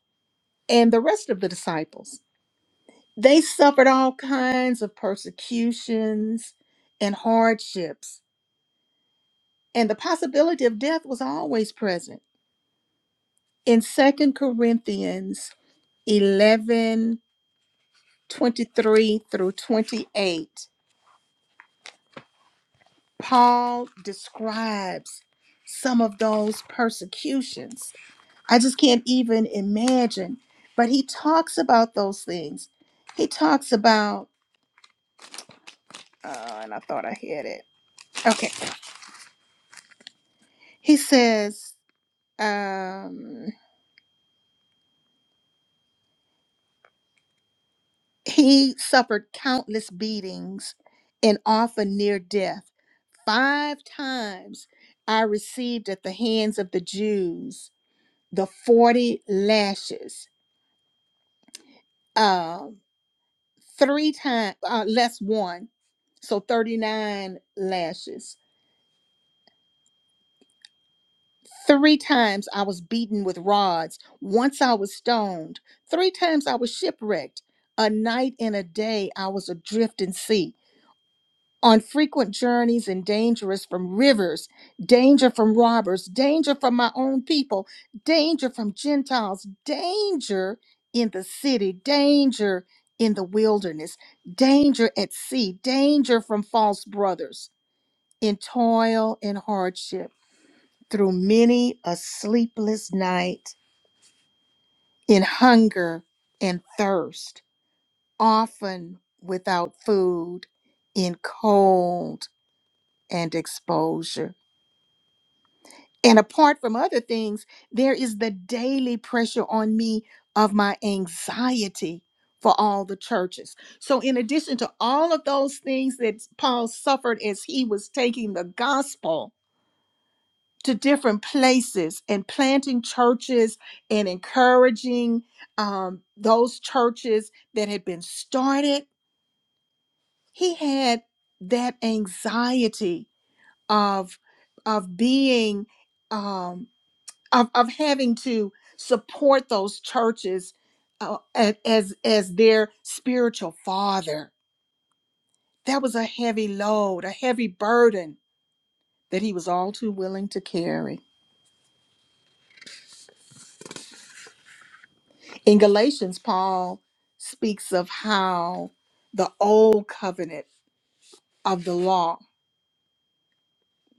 Speaker 1: and the rest of the disciples. They suffered all kinds of persecutions and hardships, and the possibility of death was always present in Second Corinthians 11 23 through 28, Paul describes some of those persecutions. I just can't even imagine, but he talks about those things. He talks about, uh, and I thought I had it. Okay. He says, um, he suffered countless beatings and often near death. Five times I received at the hands of the Jews the 40 lashes, uh, three times, uh, less one, so 39 lashes. Three times I was beaten with rods. Once I was stoned. Three times I was shipwrecked. A night and a day I was adrift in sea. on frequent journeys and dangerous from rivers, danger from robbers, danger from my own people, danger from Gentiles, danger in the city, danger in the wilderness, danger at sea, danger from false brothers, in toil and hardship, through many a sleepless night, in hunger and thirst, often without food, in cold and exposure. And apart from other things, there is the daily pressure on me of my anxiety for all the churches. So, in addition to all of those things that Paul suffered as he was taking the gospel to different places and planting churches and encouraging um, those churches that had been started, he had that anxiety of of being um, of, of having to support those churches uh, a- as as their spiritual father that was a heavy load a heavy burden that he was all too willing to carry in galatians paul speaks of how the old covenant of the law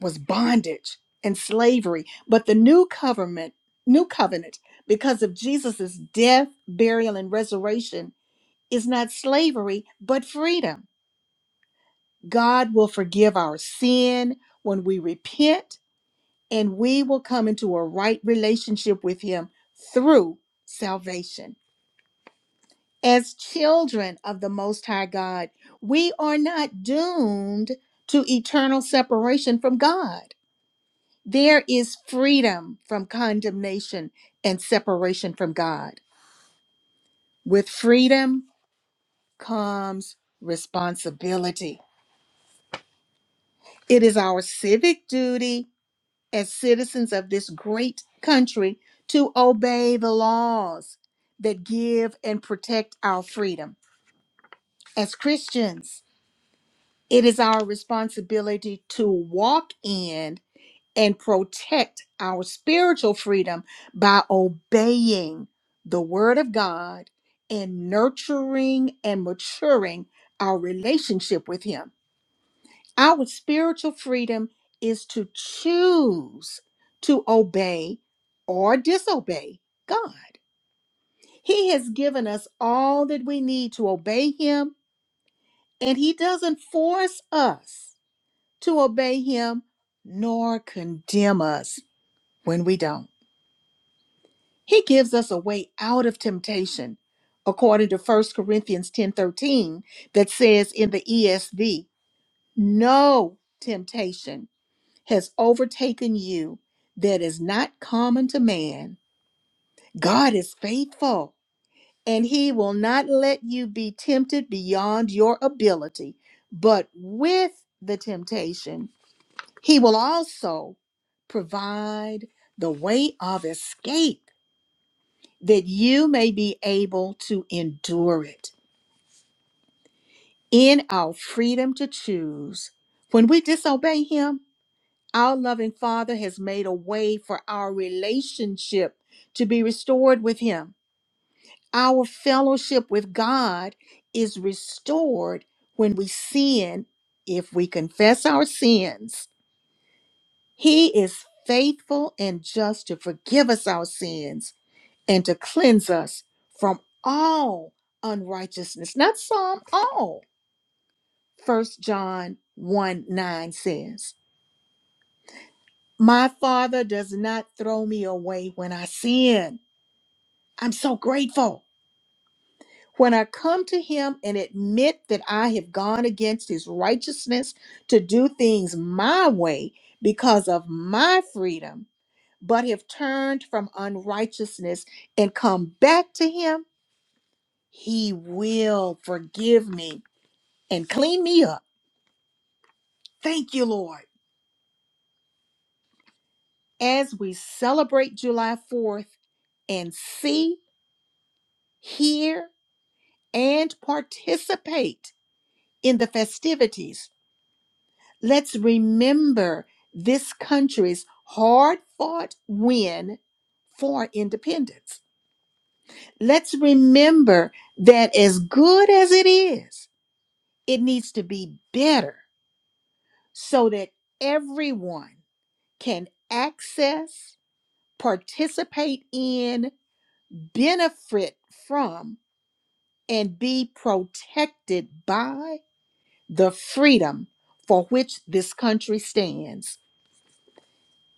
Speaker 1: was bondage and slavery but the new covenant new covenant because of jesus' death burial and resurrection is not slavery but freedom God will forgive our sin when we repent, and we will come into a right relationship with Him through salvation. As children of the Most High God, we are not doomed to eternal separation from God. There is freedom from condemnation and separation from God. With freedom comes responsibility. It is our civic duty as citizens of this great country to obey the laws that give and protect our freedom. As Christians, it is our responsibility to walk in and protect our spiritual freedom by obeying the Word of God and nurturing and maturing our relationship with Him. Our spiritual freedom is to choose to obey or disobey God. He has given us all that we need to obey Him, and He doesn't force us to obey Him nor condemn us when we don't. He gives us a way out of temptation, according to First Corinthians 10 13, that says in the ESV, no temptation has overtaken you that is not common to man. God is faithful, and he will not let you be tempted beyond your ability, but with the temptation, he will also provide the way of escape that you may be able to endure it. In our freedom to choose, when we disobey him, Our loving Father has made a way for our relationship to be restored with Him. Our fellowship with God is restored when we sin, if we confess our sins. He is faithful and just to forgive us our sins and to cleanse us from all unrighteousness. Not some, all. First John 1 9 says. My Father does not throw me away when I sin. I'm so grateful. When I come to Him and admit that I have gone against His righteousness to do things my way because of my freedom, but have turned from unrighteousness and come back to Him, He will forgive me and clean me up. Thank you, Lord. As we celebrate July 4th, and see, hear, and participate in the festivities. Let's remember this country's hard fought win for independence. Let's remember that as good as it is, it needs to be better so that everyone can access, participate in, benefit from, and be protected by the freedom for which this country stands.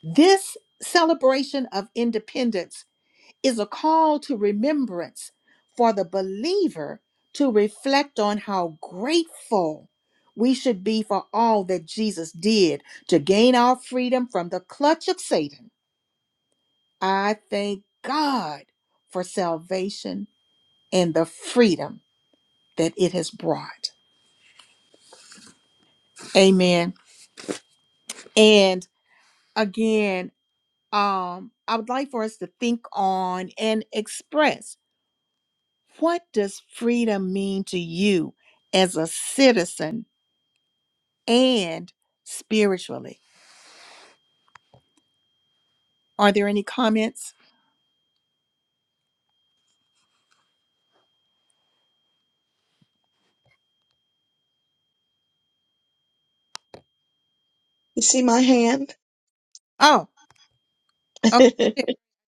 Speaker 1: This celebration of independence is a call to remembrance for the believer to reflect on how grateful we should be for all that Jesus did to gain our freedom from the clutch of Satan. I thank God for salvation and the freedom that it has brought. Amen. And again, um, I would like for us to think on and express what does freedom mean to you as a citizen and spiritually? Are there any comments?
Speaker 4: see my hand?
Speaker 1: Oh, okay.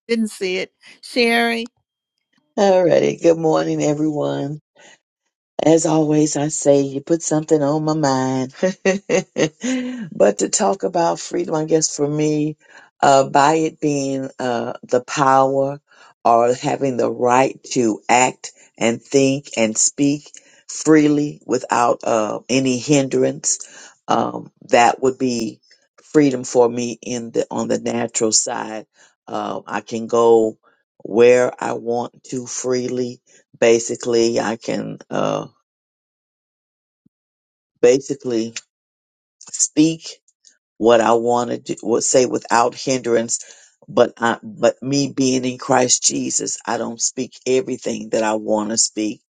Speaker 1: Didn't see it. Sherry.
Speaker 4: Alrighty. Good morning, everyone. As always, I say you put something on my mind. but to talk about freedom, I guess for me, uh, by it being uh, the power or having the right to act and think and speak freely without uh, any hindrance, um, that would be freedom for me in the on the natural side. Um, I can go where I want to freely. Basically, I can. Uh, basically speak what I want to do, what- say without hindrance. But I, but me being in Christ Jesus, I don't speak everything that I want to speak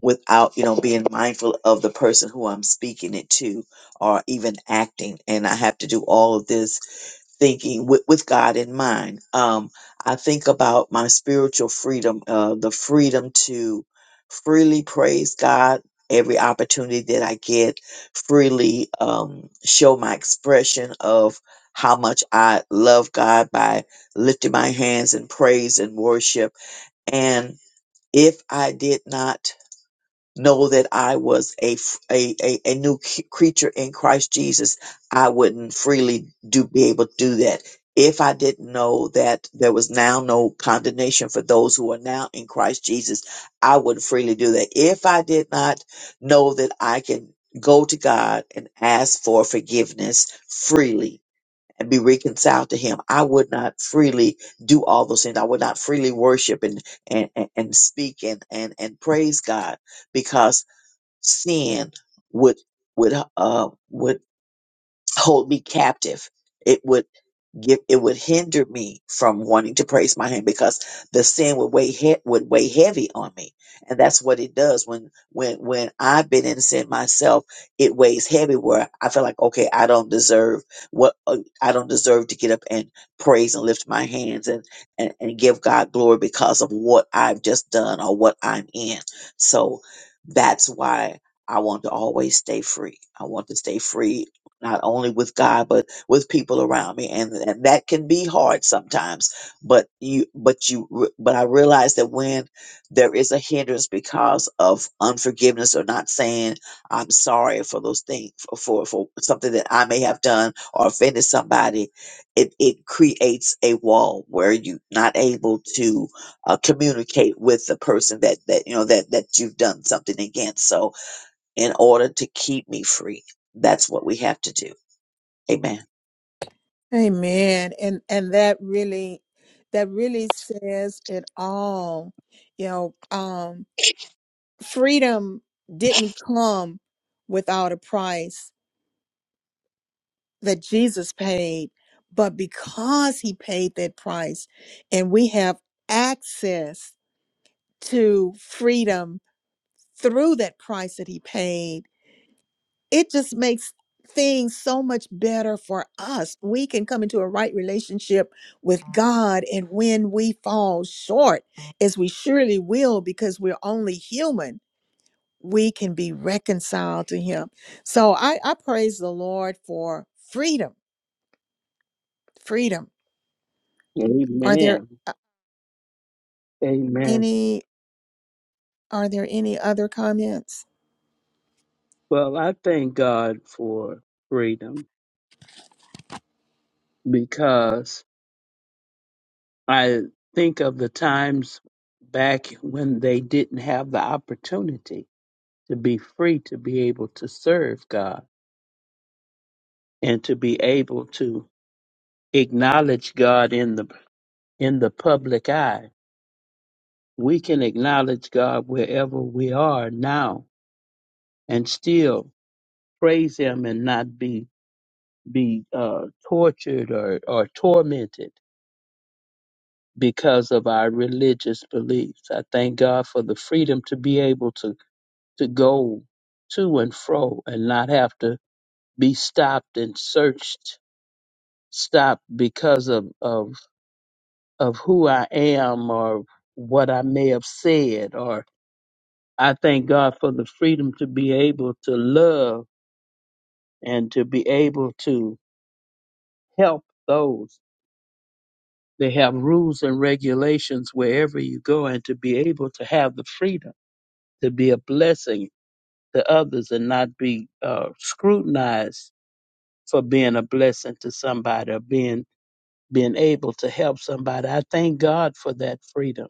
Speaker 4: without, you know, being mindful of the person who I'm speaking it to or even acting. And I have to do all of this thinking with, with God in mind. Um, I think about my spiritual freedom, uh, the freedom to freely praise God every opportunity that I get, freely um, show my expression of how much I love God by lifting my hands in praise and worship. And if I did not know that I was a, f- a, a, a new c- creature in Christ Jesus, I wouldn't freely do be able to do that. If I didn't know that there was now no condemnation for those who are now in Christ Jesus, I would freely do that. If I did not know that I can go to God and ask for forgiveness freely, and be reconciled to him i would not freely do all those things i would not freely worship and and and, and speak and, and and praise god because sin would would uh would hold me captive it would give it would hinder me from wanting to praise my hand because the sin would weigh he- would weigh heavy on me and that's what it does when when when i've been in sin myself it weighs heavy where i feel like okay i don't deserve what uh, i don't deserve to get up and praise and lift my hands and, and and give god glory because of what i've just done or what i'm in so that's why i want to always stay free i want to stay free not only with god but with people around me and, and that can be hard sometimes but you but you re- but i realize that when there is a hindrance because of unforgiveness or not saying i'm sorry for those things for for, for something that i may have done or offended somebody it, it creates a wall where you're not able to uh, communicate with the person that that you know that that you've done something against so in order to keep me free that's what we have to do amen
Speaker 1: Amen. And and that really that really says it all. You know, um freedom didn't come without a price. that Jesus paid, but because he paid that price and we have access to freedom through that price that he paid, it just makes things so much better for us. We can come into a right relationship with God and when we fall short, as we surely will because we're only human, we can be reconciled to him. So I, I praise the Lord for freedom, freedom. Are there?
Speaker 5: Amen. Amen.
Speaker 1: Any, are there any other comments?
Speaker 5: Well, I thank God for freedom because I think of the times back when they didn't have the opportunity to be free to be able to serve God and to be able to acknowledge God in the in the public eye. We can acknowledge God wherever we are now and still praise him and not be be uh, tortured or, or tormented because of our religious beliefs. I thank God for the freedom to be able to to go to and fro and not have to be stopped and searched, stopped because of of of who I am or what I may have said. Or I thank God for the freedom to be able to love and to be able to help those They have rules and regulations wherever you go, and to be able to have the freedom to be a blessing to others and not be uh, scrutinized for being a blessing to somebody or being being able to help somebody. I thank God for that freedom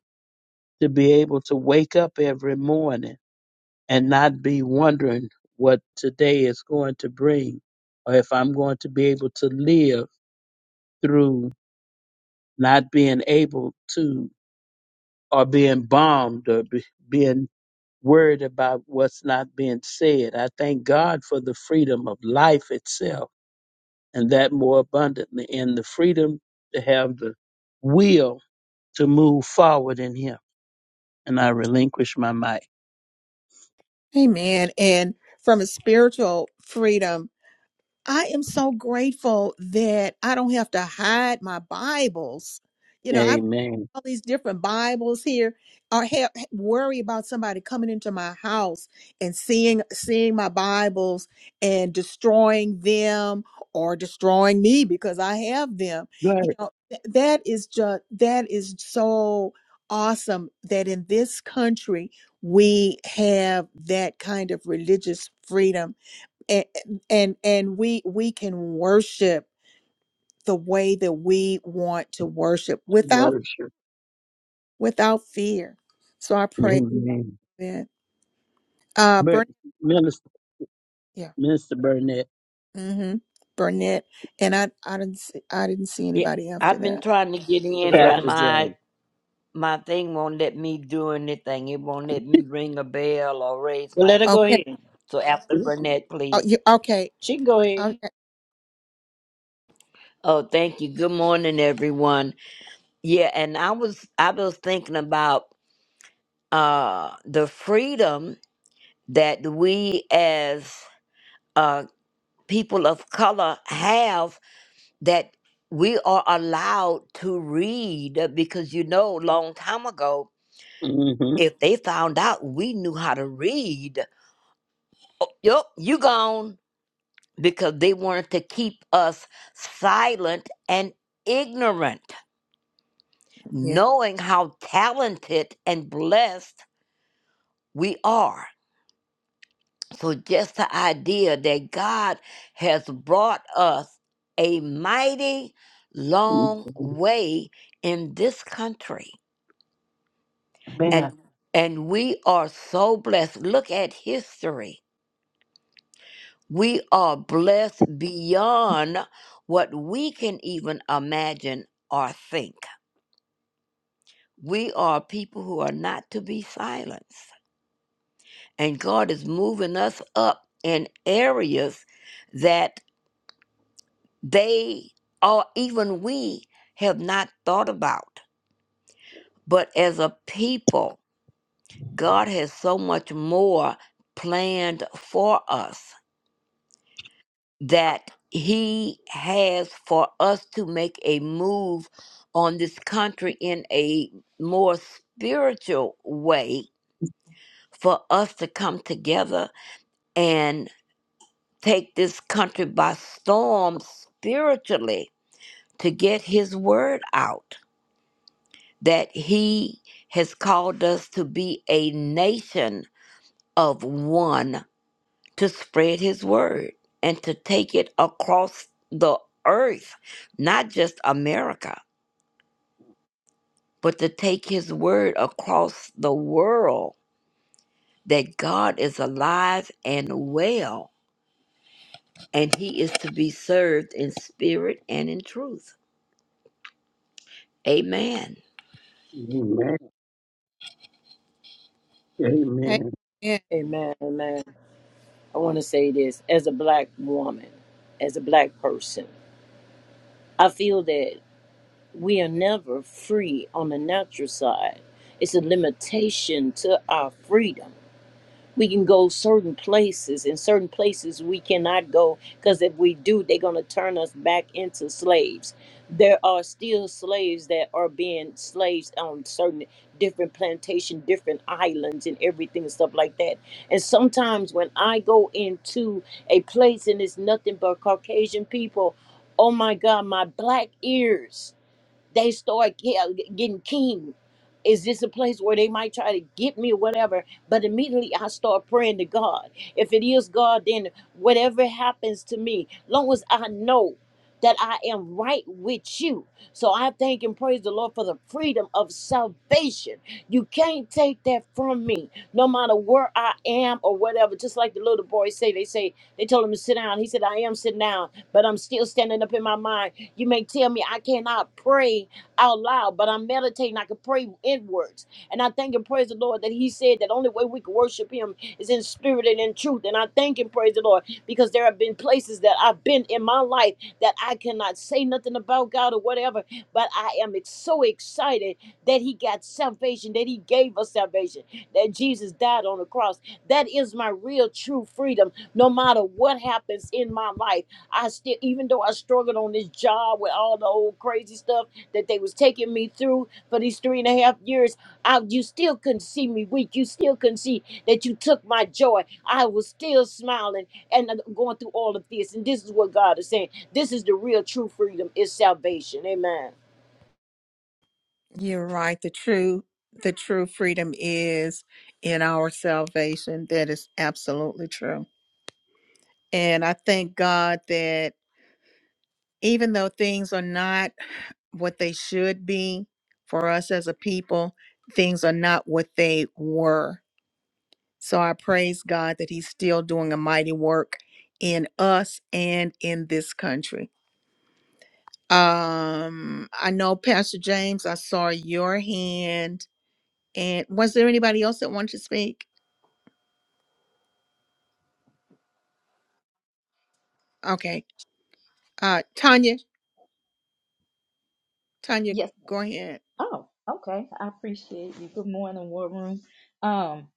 Speaker 5: to be able to wake up every morning and not be wondering what today is going to bring or if I'm going to be able to live through not being able to Are being bombed or be, being worried about what's not being said. I thank God for the freedom of life itself and that more abundantly and the freedom to have the will to move forward in Him. And I relinquish my mic.
Speaker 1: Amen. And from a spiritual freedom, I am so grateful that I don't have to hide my Bibles. You know, I've got
Speaker 5: Amen.
Speaker 1: all these different Bibles here. I have worry about somebody coming into my house and seeing seeing my Bibles and destroying them or destroying me because I have them.
Speaker 5: God
Speaker 1: You know, th- that is just that is so awesome that in this country we have that kind of religious freedom and and and we we can worship the way that we want to worship without
Speaker 5: worship.
Speaker 1: without fear. So I pray
Speaker 5: Amen.
Speaker 1: that uh
Speaker 5: But
Speaker 1: Burnett,
Speaker 5: Minister,
Speaker 1: yeah,
Speaker 5: Minister Burnett,
Speaker 1: mm-hmm, Burnett, and I I didn't see, I didn't see
Speaker 12: Yeah,
Speaker 1: anybody after
Speaker 12: I've been
Speaker 1: that.
Speaker 12: trying to get in,
Speaker 11: Okay,
Speaker 12: but
Speaker 11: I-
Speaker 5: Pastor
Speaker 12: my
Speaker 5: James.
Speaker 12: my thing won't let me do anything. It won't let me ring a bell or raise
Speaker 11: well,
Speaker 12: my
Speaker 11: let her go
Speaker 12: hand.
Speaker 1: Okay,
Speaker 11: ahead.
Speaker 12: So after
Speaker 5: hmm
Speaker 12: Burnett,
Speaker 1: oh,
Speaker 12: please.
Speaker 1: you, okay,
Speaker 11: She can go ahead.
Speaker 1: okay,
Speaker 12: Oh, thank you. Good morning, everyone. Yeah, and I was I was thinking about uh the freedom that we as uh people of color have that we are allowed to read because you know, long time ago
Speaker 5: Amen.
Speaker 12: if they found out we knew how to read, oh, yup, you gone because they wanted to keep us silent and ignorant,
Speaker 1: Yeah.
Speaker 12: knowing how talented and blessed we are. So, just the idea that God has brought us a mighty long way in this country. And and we are so blessed. Look at history We are blessed beyond what we can even imagine or think. We are people who are not to be silenced. And God is moving us up in areas that they or even we have not thought about. But as a people, God has so much more planned for us. that he has for us to make a move on this country in a more spiritual way for us to come together and take this country by storm spiritually to get his word out that he has called us to be a nation of one to spread his word and to take it across the earth, not just America, but to take his word across the world that God is alive and well and he is to be served in spirit and in truth. Amen.
Speaker 5: Amen. Amen.
Speaker 1: Amen.
Speaker 11: Amen. Amen. I want to say this as a black woman, as a black person. I feel that we are never free on the natural side. It's a limitation to our freedom we can go certain places and certain places we cannot go because if we do they're going to turn us back into slaves there are still slaves that are being slaves on certain different plantation different islands and everything and stuff like that and sometimes when i go into a place and it's nothing but caucasian people oh my god my black ears they start ge- getting keen. Is this a place where they might try to get me or whatever? But immediately I start praying to God. If it is God, then whatever happens to me, long as I know that I am right with you. So I thank and praise the Lord for the freedom of salvation. You can't take that from me, no matter where I am or whatever. Just like the little boy say, they say they told him to sit down. He said, I am sitting down, but I'm still standing up in my mind you may tell me I cannot pray out loud, but I'm meditating. I can pray inwards. And I thank and praise the Lord that He said that only way we can worship Him is in spirit and in truth. And I thank and praise the Lord because there have been places that I've been in my life that I cannot say nothing about God or whatever, but I am ex- so excited that He got salvation, that He gave us salvation, that Jesus died on the cross. That is my real true freedom, no matter what happens in my life. I still, even though I struggled on this job with all the old crazy stuff that they was taking me through for these three and a half years, I, you still couldn't see me weak. You still couldn't see that you took my joy. I was still smiling and uh, going through all of this. And this is what God is saying. This is the real true freedom is salvation. Amen.
Speaker 1: You're right. The true the true freedom is in our salvation. That is absolutely true, and I thank God that. even though things are not what they should be for us as a people, things are not what they were. So I praise God that He's still doing a mighty work in us and in this country. Um, I know Pastor James, I saw your hand. And was there anybody else that wanted to speak? Okay. Uh Tanya, Tanya,
Speaker 13: Yes.
Speaker 1: go ahead.
Speaker 13: Oh, okay. I appreciate you. Good morning, War Room. Um,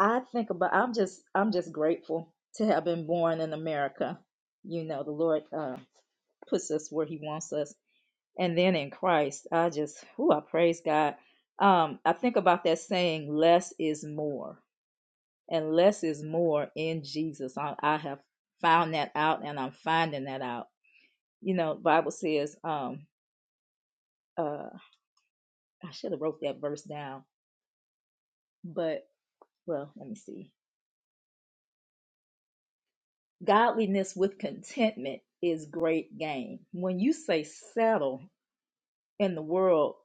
Speaker 13: I think about I'm just I'm just grateful to have been born in America. You know, the Lord uh puts us where he wants us. And then in Christ, I just who I praise God. Um, I think about that saying less is more. And less is more in Jesus. I, I have found that out and I'm finding that out. You know, Bible says, um, uh, I should have wrote that verse down, but well, let me see. Godliness with contentment is great gain. When you say settle in the world,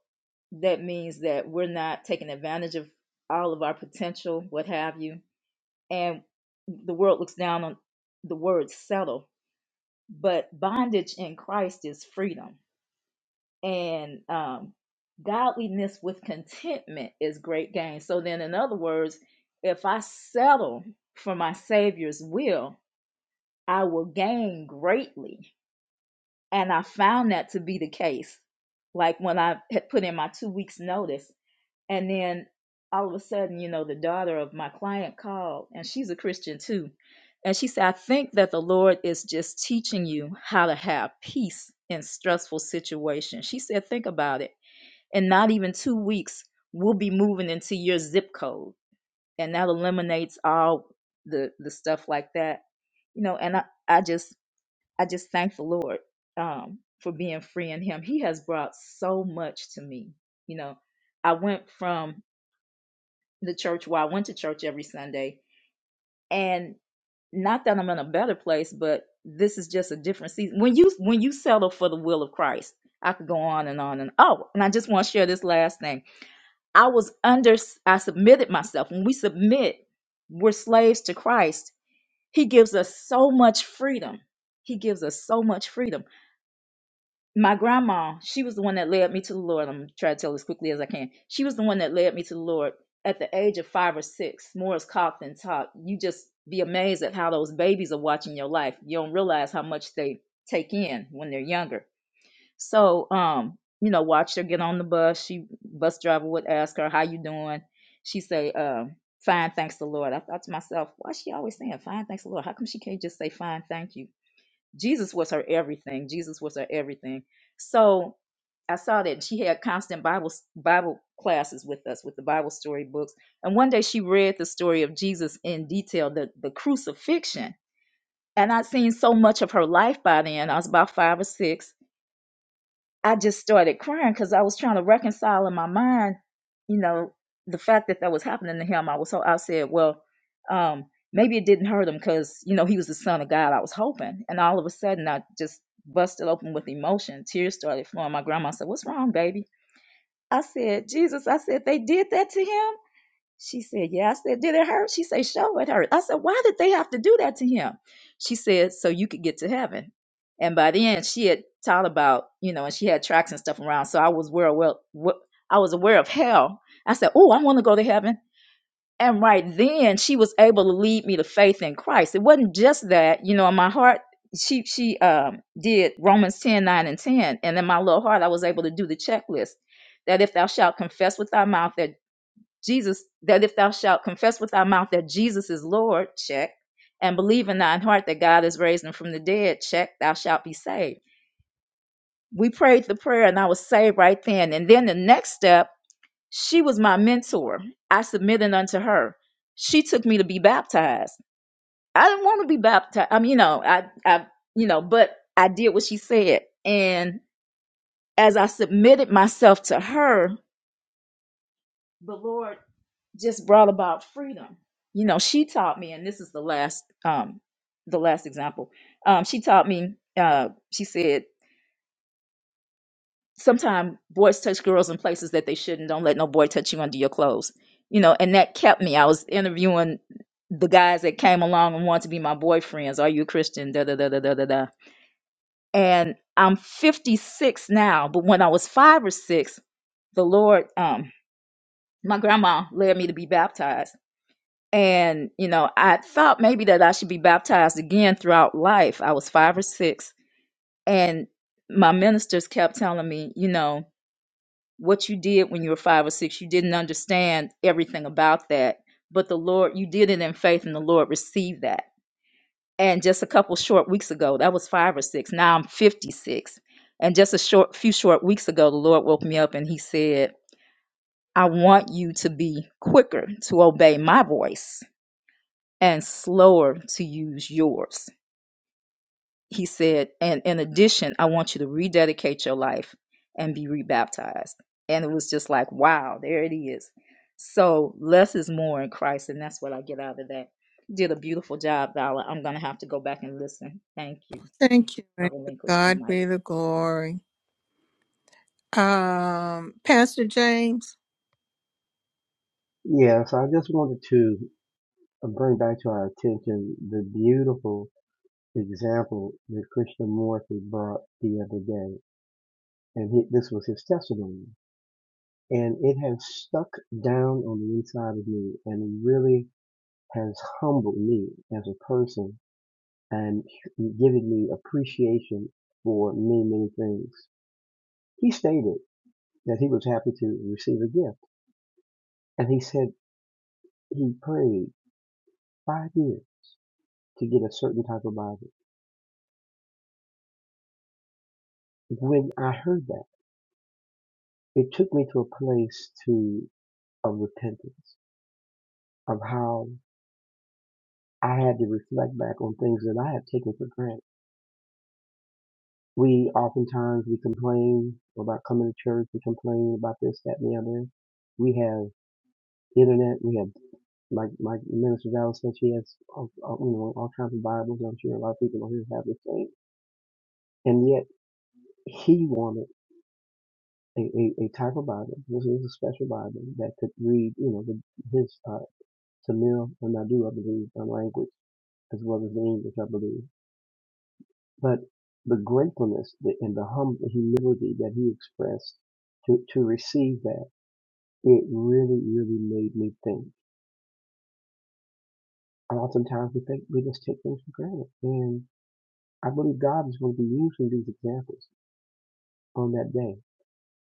Speaker 13: that means that we're not taking advantage of all of our potential, what have you. And the world looks down on the word settle, but bondage in Christ is freedom. And um, godliness with contentment is great gain. So then, in other words, if I settle for my Savior's will, I will gain greatly. And I found that to be the case. Like when I had put in my two weeks' notice, and then all of a sudden, you know, the daughter of my client called, and she's a Christian too. And she said, I think that the Lord is just teaching you how to have peace in stressful situations. She said, Think about it. In not even two weeks, we'll be moving into your zip code. And that eliminates all the, the stuff like that. You know, and I, I just I just thank the Lord um, for being free in Him. He has brought so much to me. You know, I went from the church where I went to church every Sunday, and not that I'm in a better place, but this is just a different season. When you when you settle for the will of Christ, I could go on and on and oh, and I just want to share this last thing. I was under. I submitted myself. When we submit, we're slaves to Christ. He gives us so much freedom. He gives us so much freedom my grandma, she was the one that led me to the Lord. I'm gonna try to tell as quickly as I can. She was the one that led me to the Lord at the age of five or six. More is cough than talk. You just be amazed at how those babies are watching your life. You don't realize how much they take in when they're younger. So, um, you know, watched her get on the bus. She bus driver would ask her, "How you doing?" She say, um, "Fine, thanks the Lord." I thought to myself, "Why is she always saying fine, thanks the Lord? How come she can't just say fine, thank you?" Jesus was her everything. Jesus was her everything. So I saw that she had constant Bible Bible classes with us with the Bible story books. And one day she read the story of Jesus in detail, the, the crucifixion. And I'd seen so much of her life by then. I was about five or six I just started crying because I was trying to reconcile in my mind, you know, the fact that that was happening to him. I was so I said, well, um, maybe it didn't hurt him because you know he was the son of God. I was hoping, and all of a sudden I just busted open with emotion. Tears started flowing. My grandma said, "What's wrong, baby?" I said, "Jesus," I said, "They did that to him." She said, Yeah. I said, Did it hurt? She said, "Sure, it hurt. I said, Why did they have to do that to him? She said, So you could get to heaven. And by then she had taught about, you know, and she had tracks and stuff around. So I was aware of well what I was aware of hell. I said, Oh, I want to go to heaven. And right then she was able to lead me to faith in Christ. It wasn't just that, you know, in my heart, she she um did Romans 10 9 and 10. And in my little heart, I was able to do the checklist that if thou shalt confess with thy mouth that Jesus, that if thou shalt confess with thy mouth that Jesus is Lord, check, and believe in thine heart that God is raised him from the dead, check, thou shalt be saved. We prayed the prayer and I was saved right then. And then the next step, she was my mentor. I submitted unto her. She took me to be baptized. I didn't want to be baptized. I mean, you know, I, I, you know, but I did what she said. And as I submitted myself to her, the Lord. just brought about freedom. You know, she taught me, and this is the last um the last example. Um, she taught me, uh, she said, sometimes boys touch girls in places that they shouldn't. Don't let no boy touch you under your clothes. You know, and that kept me. I was interviewing the guys that came along and wanted to be my boyfriends. Are you a Christian? Da da da da da da da. And I'm 56 now, but when I was five or six, the Lord, um, my grandma led me to be baptized And, you know, I thought maybe that I should be baptized again throughout life. I was five or six. And my ministers kept telling me, you know, what you did when you were five or six, you didn't understand everything about that. But the Lord, you did it in faith, and the Lord received that. And just a couple short weeks ago, that was five or six. Now I'm 56. And just a short few short weeks ago, the Lord woke me up and he said, I want you to be quicker to obey my voice and slower to use yours. He said, and in addition, I want you to rededicate your life and be rebaptized. And it was just like, wow, there it is. So less is more in Christ, and that's what I get out of that. Did a beautiful job, Vala. I'm gonna have to go back and listen. Thank you.
Speaker 1: Thank you.
Speaker 13: I
Speaker 1: and to
Speaker 13: relinquish my
Speaker 1: God
Speaker 13: mic.
Speaker 1: be the glory. Um, Pastor James.
Speaker 10: Yeah, so I just wanted to bring back to our attention the beautiful example that Krishna Morphy brought the other day. And he, this was his testimony. and it has stuck down on the inside of me and really has humbled me as a person and given me appreciation for many, many things. He stated that he was happy to receive a gift, and he said he prayed five years to get a certain type of Bible. When I heard that, it took me to a place to of repentance of how I had to reflect back on things that I had taken for granted We oftentimes we complain about coming to church. We complain about this, that, and the other. We have internet. We have like like Minister Dallas said, she has uh, uh, you know all kinds of Bibles. I'm sure a lot of people on here have the same. And yet he wanted a, a, a type of Bible. This is a special Bible that could read you know the, his uh, Tamil and Nadu, I believe, uh, language as well as the English, I believe. But the gratefulness and the humble humility that he expressed to, to receive that, it really, really made me think. And oftentimes we think we just take things for granted. And I believe God is going to be using these examples on that day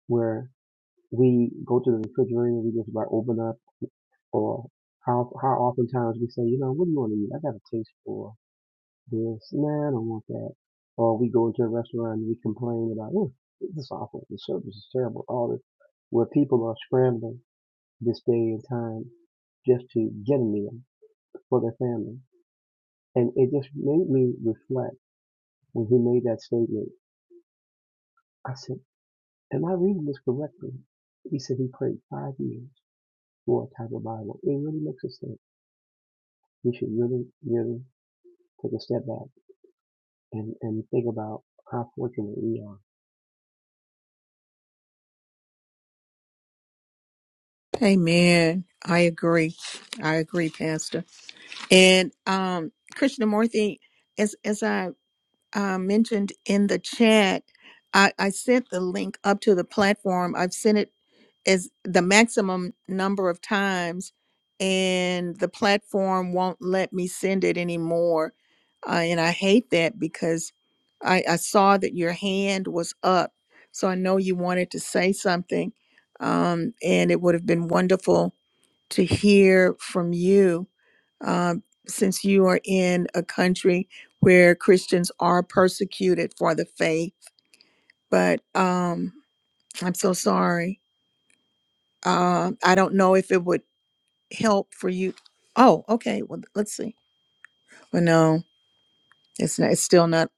Speaker 10: where we go to the refrigerator and we just about open up or how how oftentimes we say, you know, what do you want to eat? I got a taste for this, nah, I don't want that. Or we go into a restaurant and we complain about, oh, this is awful, the service is terrible, all this. Where people are scrambling this day and time just to get a meal for their family. And it just made me reflect when he made that statement. I said, am I reading this correctly? He said he prayed five years for a type of Bible. It really makes us think we should really, really take a step back and, and think about how fortunate we are
Speaker 1: Amen. I agree. I agree, Pastor. And um, Krishnamurti, as as I uh, mentioned in the chat, I, I sent the link up to the platform. I've sent it as the maximum number of times, and the platform won't let me send it anymore. Uh, and I hate that because I, I saw that your hand was up. So I know you wanted to say something, um, and it would have been wonderful to hear from you um, since you are in a country where Christians are persecuted for the faith. But um, I'm so sorry. Uh, I don't know if it would help for you. Oh, okay. Well, let's see. Well, no, it's not, it's still not.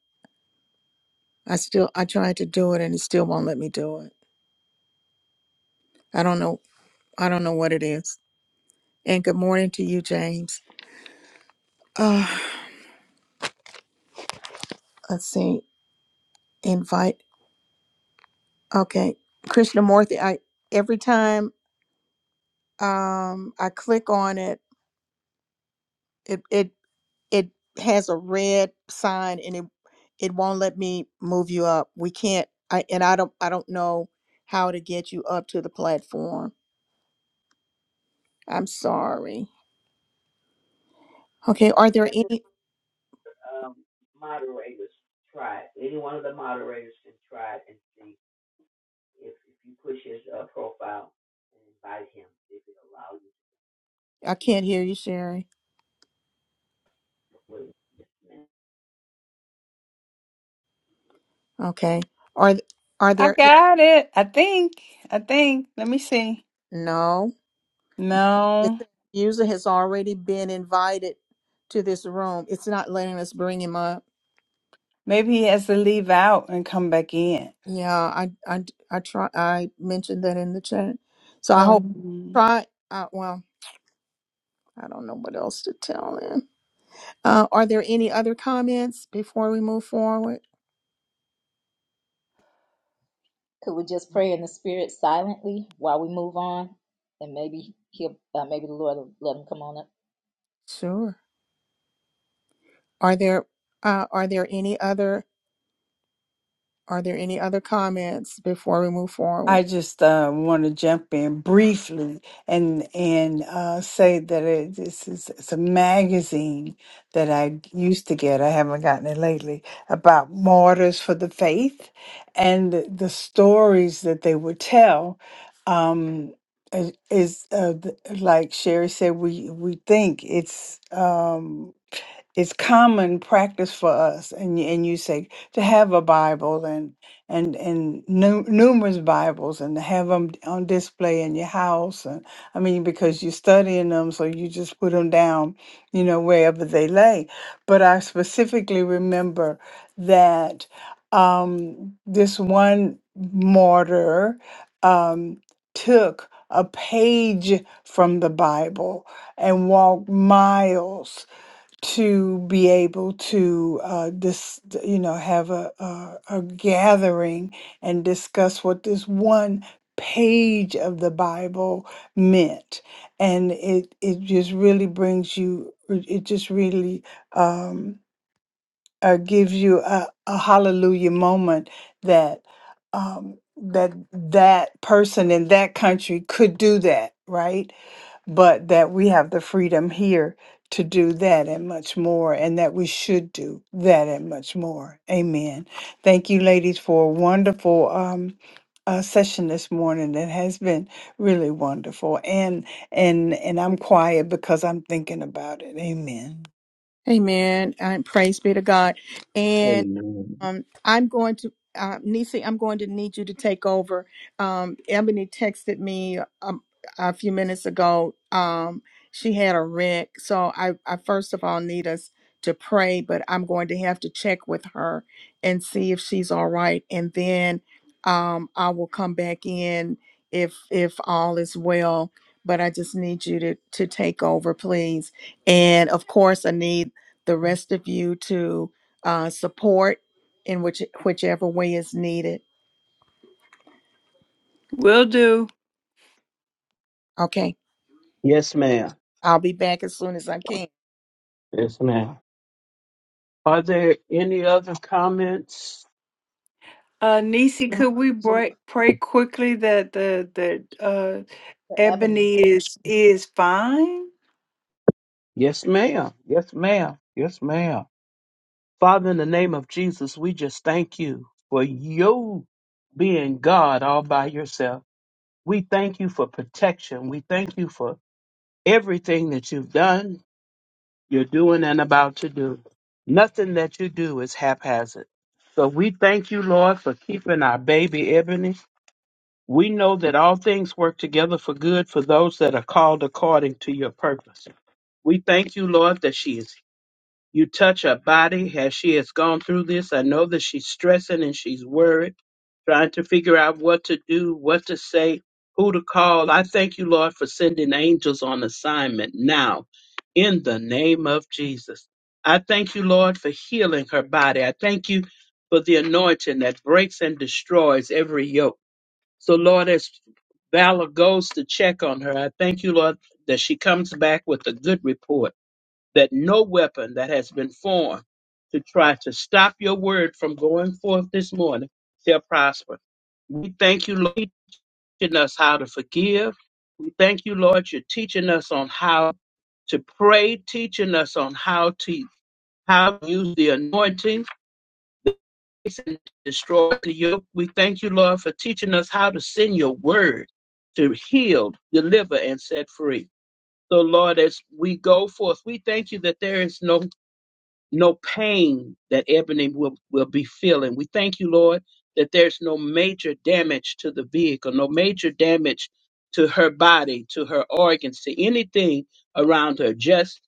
Speaker 1: I still I tried to do it and it still won't let me do it. I don't know. I don't know what it is. And good morning to you, James. Uh, let's see. Invite. Okay, Krishnamurti. I every time um, I click on it it it it has a red sign and it it won't let me move you up. We can't I and I don't I don't know how to get you up to the platform. I'm sorry. Okay, are there any I can't hear you, Sherry. Okay. Are th- are
Speaker 2: I
Speaker 1: there
Speaker 2: got it. I think. I think. Let me see.
Speaker 1: no? It's saying
Speaker 2: No,
Speaker 1: the user has already been invited to this room. It's not letting us bring him up.
Speaker 2: maybe he has to leave out and come back in.
Speaker 1: Yeah, I I I try I mentioned that in the chat. So I hope
Speaker 2: Um,
Speaker 1: try uh, well, I don't know what else to tell him. Uh, are there any other comments before we move forward?
Speaker 13: Could we just pray in the spirit silently while we move on, and maybe he'll, uh, maybe the Lord will let him come on up.
Speaker 1: Sure. Are there uh, are there any other Are there any other comments before we move forward?
Speaker 2: I just uh, want to jump in briefly and and uh, say that it, this is it's a magazine that I used to get. I haven't gotten it lately about martyrs for the faith and the, the stories that they would tell. Um, is is, uh, th- like Sherry said, we we think it's. Um, it's common practice for us and y- and you say to have a bible and and and nu- numerous bibles and to have them on display in your house and i mean because you're studying them so you just put them down you know wherever they lay but i specifically remember that um this one martyr um took a page from the bible and walked miles to be able to uh, dis- you know have a, a a gathering and discuss what this one page of the Bible meant, and it it just really brings you it it just really um, uh, gives you a, a hallelujah moment that um, that that person in that country could do that right but that we have the freedom here to do that and much more, and that we should do that and much more. Amen. Thank you, ladies, for a wonderful um, uh, session this morning. That has been really wonderful, and and and I'm quiet because I'm thinking about it. Amen.
Speaker 1: Amen. And praise be to God. and.
Speaker 5: Amen.
Speaker 1: Um, I'm going to, uh, Nisi, I'm going to need you to take over. Um, Ebony texted me um, a few minutes ago. Um, she had a wreck. So I, I first of all need us to pray, but I'm going to have to check with her and see if she's all right. And then um, I will come back in if, if all is well. But I just need you to, to take over, please. And of course, I need the rest of you to uh, support in which whichever way is needed.
Speaker 2: Will do.
Speaker 1: Okay.
Speaker 5: Yes, ma'am.
Speaker 1: I'll be back as soon as I can.
Speaker 5: Yes, ma'am. Are there any other comments?
Speaker 2: Uh, Nisi, Mm. could we
Speaker 13: So
Speaker 2: break, pray quickly that the that uh,
Speaker 13: for Ebony,
Speaker 2: Ebony is is fine?
Speaker 5: Yes, ma'am. Yes, ma'am. Yes, ma'am. Father, in the name of Jesus, we just thank you for you being God all by yourself. We thank you for protection. We thank you for everything that you've done, you're doing, and about to do. Nothing that you do is haphazard. So we thank you, Lord, for keeping our baby Ebony We know that all things work together for good for those that are called according to your purpose. We thank you, Lord, that she is you touch her body as she has gone through this. I know that she's stressing and she's worried, trying to figure out what to do, what to say, who to call. I thank you, Lord, for sending angels on assignment now in the name of Jesus. I thank you, Lord, for healing her body. I thank you for the anointing that breaks and destroys every yoke. So, Lord, as Valor goes to check on her, I thank you, Lord, that she comes back with a good report, that no weapon that has been formed to try to stop your word from going forth this morning shall prosper. We thank you, Lord, for teaching us how to forgive. We thank you, Lord, you're teaching us on how to pray, teaching us on how to how to use the anointing and destroy the yoke. We thank you, Lord, for teaching us how to send your word to heal, deliver, and set free. So, Lord, as we go forth, we thank you that there is no no pain that Ebony will, will be feeling. We thank you, Lord, that there's no major damage to the vehicle, no major damage to her body, to her organs, to anything around her, just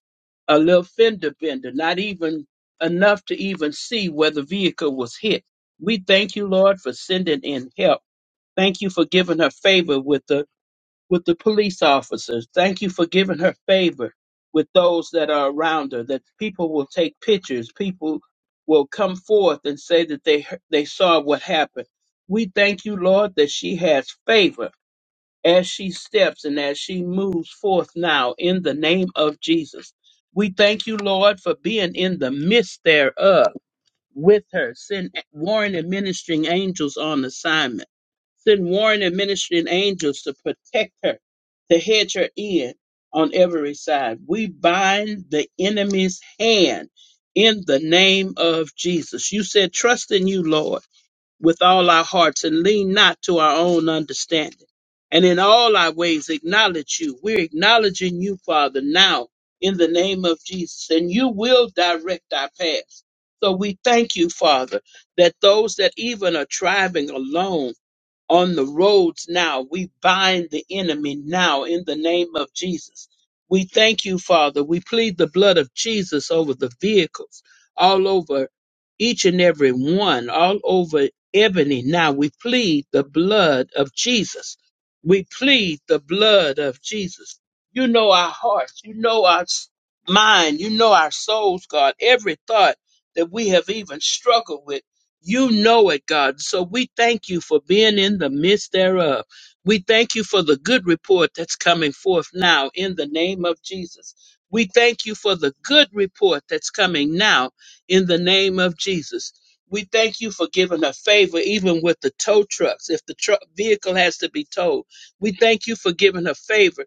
Speaker 5: a little fender bender, not even enough to even see where the vehicle was hit. We thank you, Lord, for sending in help. Thank you for giving her favor with the with the police officers. Thank you for giving her favor with those that are around her, that people will take pictures, people will come forth and say that they he- they saw what happened. We thank you, Lord, that she has favor as she steps and as she moves forth now in the name of Jesus. We thank you, Lord, for being in the midst thereof with her, send warring and ministering angels on assignment. Send warring and ministering angels to protect her, to hedge her in on every side. We bind the enemy's hand in the name of Jesus. You said, Trust in you, Lord, with all our hearts and lean not to our own understanding. And in all our ways, acknowledge you. We're acknowledging you, Father, now in the name of Jesus. And you will direct our paths. So we thank you, Father, that those that even are driving alone, on the roads now. We bind the enemy now in the name of Jesus. We thank you, Father. We plead the blood of Jesus over the vehicles, all over each and every one, all over Ebony. Now we plead the blood of Jesus. We plead the blood of Jesus. You know our hearts. You know our s- mind. You know our souls, God. Every thought that we have even struggled with. You know it, God. So we thank you for being in the midst thereof. We thank you for the good report that's coming forth now in the name of Jesus. We thank you for the good report that's coming now in the name of Jesus. We thank you for giving a favor even with the tow trucks if the truck vehicle has to be towed. We thank you for giving a favor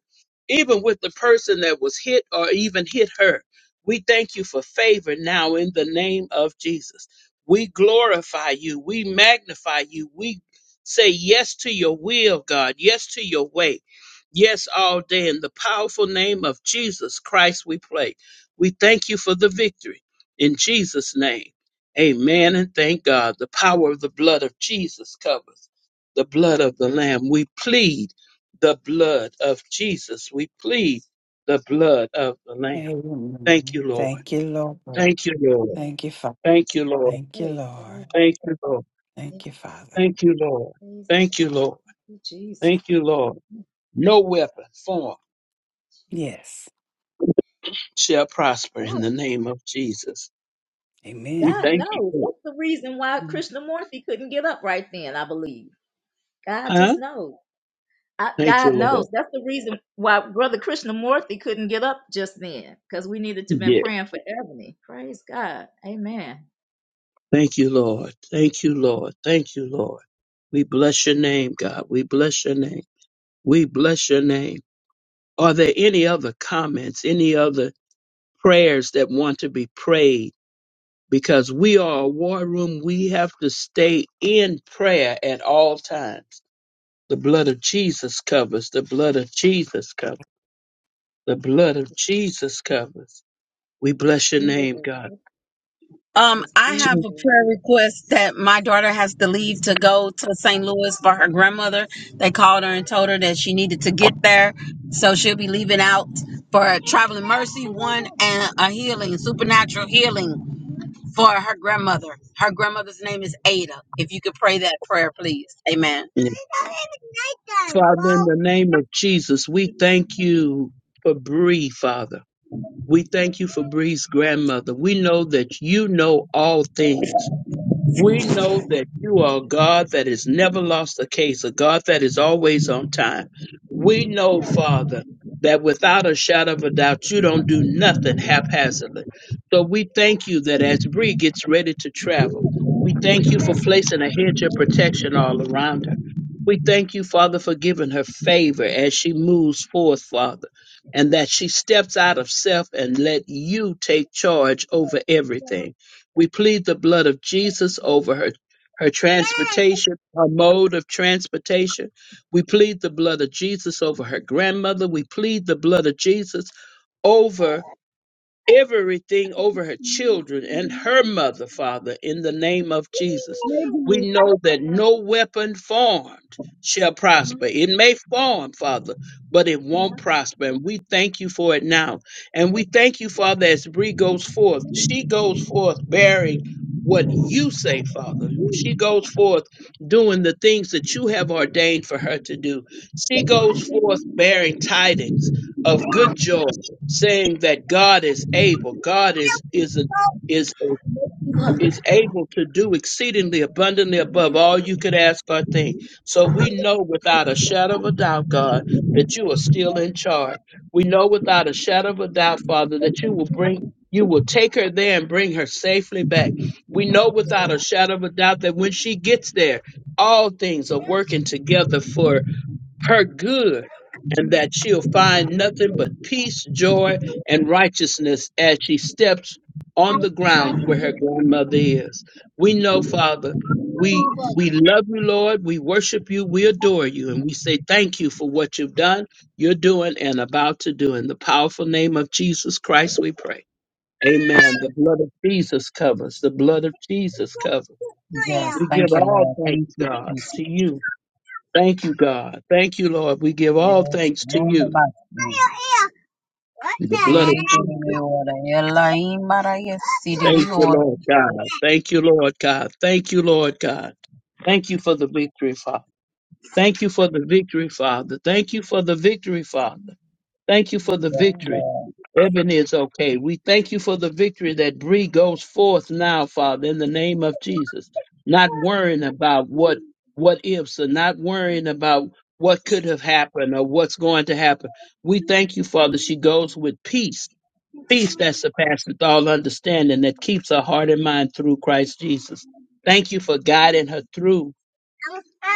Speaker 5: even with the person that was hit or even hit her. We thank you for favor now in the name of Jesus. We glorify you. We magnify you. We say yes to your will, God. Yes to your way. Yes, all day. In the powerful name of Jesus Christ, we pray. We thank you for the victory. In Jesus' name, amen. And thank God. The power of the blood of Jesus covers the blood of the Lamb. We plead the blood of Jesus. We plead the blood of the Lamb. Thank
Speaker 2: Amen.
Speaker 5: you, Lord.
Speaker 2: Thank you, Lord.
Speaker 5: Thank you, Lord.
Speaker 13: yeah,
Speaker 2: Thank you, Father.
Speaker 5: Thank you, Lord.
Speaker 2: Thank you,
Speaker 13: praise God.
Speaker 2: Lord.
Speaker 5: Thank you, Lord.
Speaker 13: Yeah,
Speaker 2: Thank you, Father.
Speaker 5: Thank you, Lord.
Speaker 13: praise
Speaker 5: Thank you, Lord.
Speaker 13: Jesus.
Speaker 5: Thank you, Lord. No weapon formed
Speaker 2: Yes.
Speaker 5: shall prosper in
Speaker 13: God,
Speaker 5: the name of Jesus. We
Speaker 2: Amen.
Speaker 13: God
Speaker 5: thank you.
Speaker 13: knows.
Speaker 5: for it.
Speaker 13: That's the reason why Krishnamurti couldn't get up right then, I believe. God just
Speaker 5: Huh?
Speaker 13: knows. I,
Speaker 5: Thank you,
Speaker 13: God
Speaker 5: Lord.
Speaker 13: knows. That's the reason why Brother Krishnamurti couldn't get up just then, because we needed to been
Speaker 5: Yeah.
Speaker 13: praying for Ebony. Praise God. Amen.
Speaker 5: Thank you, Lord. Thank you, Lord. Thank you, Lord. We bless your name, God. We bless your name. We bless your name. Are there any other comments, any other prayers that want to be prayed? Because we are a war room. We have to stay in prayer at all times. The blood of Jesus covers. The blood of Jesus covers. The blood of
Speaker 13: The
Speaker 5: Jesus covers. We
Speaker 13: the
Speaker 5: bless your
Speaker 13: seed of
Speaker 5: name,
Speaker 13: the
Speaker 5: God.
Speaker 13: Lord.
Speaker 8: um
Speaker 13: The
Speaker 8: i
Speaker 13: seed
Speaker 5: Je-
Speaker 8: have
Speaker 13: of
Speaker 8: a
Speaker 13: the Lord.
Speaker 8: prayer request that my daughter has to leave to go to st louis for her grandmother they called her and told her that she needed to get there so she'll be leaving out for a traveling mercy one and a healing supernatural healing for her grandmother. Her grandmother's name is Ada. If you could pray that prayer, please. Amen.
Speaker 5: Father, in the name of Jesus, we thank you for Bree, Father. We thank you for Bree's grandmother. We know that you know all things. We know that you are a God that has never lost a case, a God that is always on time. We know, Father, that without a shadow of a doubt, you don't do nothing haphazardly. So we thank you that as Bree gets ready to travel, we thank you for placing a hedge of protection all around her. We thank you, Father, for giving her favor as she moves forth, Father, and that she steps out of self and let you take charge over everything. We plead the blood of Jesus over her, her transportation, her mode of transportation. We plead the blood of Jesus over her grandmother. We plead the blood of Jesus over everything over her children and her mother, Father, in the name of Jesus. We know that no weapon formed shall prosper. It may form, Father, but it won't prosper. And we thank you for it now. And we thank you, Father, as Bree goes forth. She goes forth bearing what you say, Father. She goes forth doing the things that you have ordained for her to do. She goes forth bearing tidings of good joy saying that God is able. God is is a, is a, is able to do exceedingly abundantly above all you could ask or think. So we know without a shadow of a doubt, God, that you are still in charge. We know without a shadow of a doubt, Father, that you will bring you will take her there and bring her safely back. We know without a shadow of a doubt that when she gets there, all things are working together for her good, and that she'll find nothing but peace, joy, and righteousness as she steps on the ground where her grandmother is. We know, Father, we we love you, Lord. We worship you. We adore you, and we say thank you for what you've done, you're doing, and about to do. In the powerful name of Jesus Christ, we pray. Amen. The blood of Jesus covers. The blood of Jesus covers.
Speaker 8: Yes,
Speaker 5: We give
Speaker 8: thank you,
Speaker 5: all
Speaker 8: Lord.
Speaker 5: thanks,
Speaker 8: Thank you,
Speaker 5: God,
Speaker 8: Jesus.
Speaker 5: to you Thank you, God. Thank you, Lord. We give all
Speaker 8: Yes,
Speaker 5: thanks to
Speaker 8: Lord,
Speaker 5: you.
Speaker 8: about
Speaker 5: The blood of Jesus.
Speaker 8: you.
Speaker 5: Thank you, Lord God. Thank you, Lord God. Thank you, Lord God. Thank you for the victory, Father. Thank you for the victory, Father. Thank you for the victory, Father. Thank you for the
Speaker 8: Yes,
Speaker 13: Amen.
Speaker 5: victory. Ebony is okay. We thank you for the victory that Bree goes forth now, Father, in the name of Jesus. Not worrying about what what ifs and not worrying about what could have happened or what's going to happen. We thank you, Father. She goes with peace, peace that surpasses all understanding, that keeps her heart and mind through Christ Jesus. Thank you for guiding her through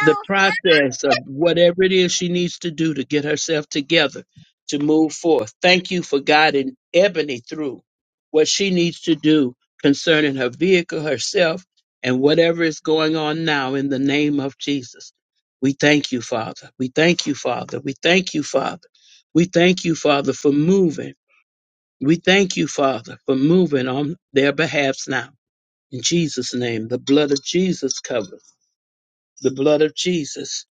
Speaker 5: the process of whatever it is she needs to do to get herself together to move forth. Thank you for guiding Ebony through what she needs to do concerning her vehicle, herself, and whatever is going on now in the name of Jesus. We thank you, Father. We thank you, Father. We thank you, Father. We thank you, Father, for moving. We thank you, Father, for moving on their behalves now. In Jesus' name, the blood of Jesus covers. The blood of Jesus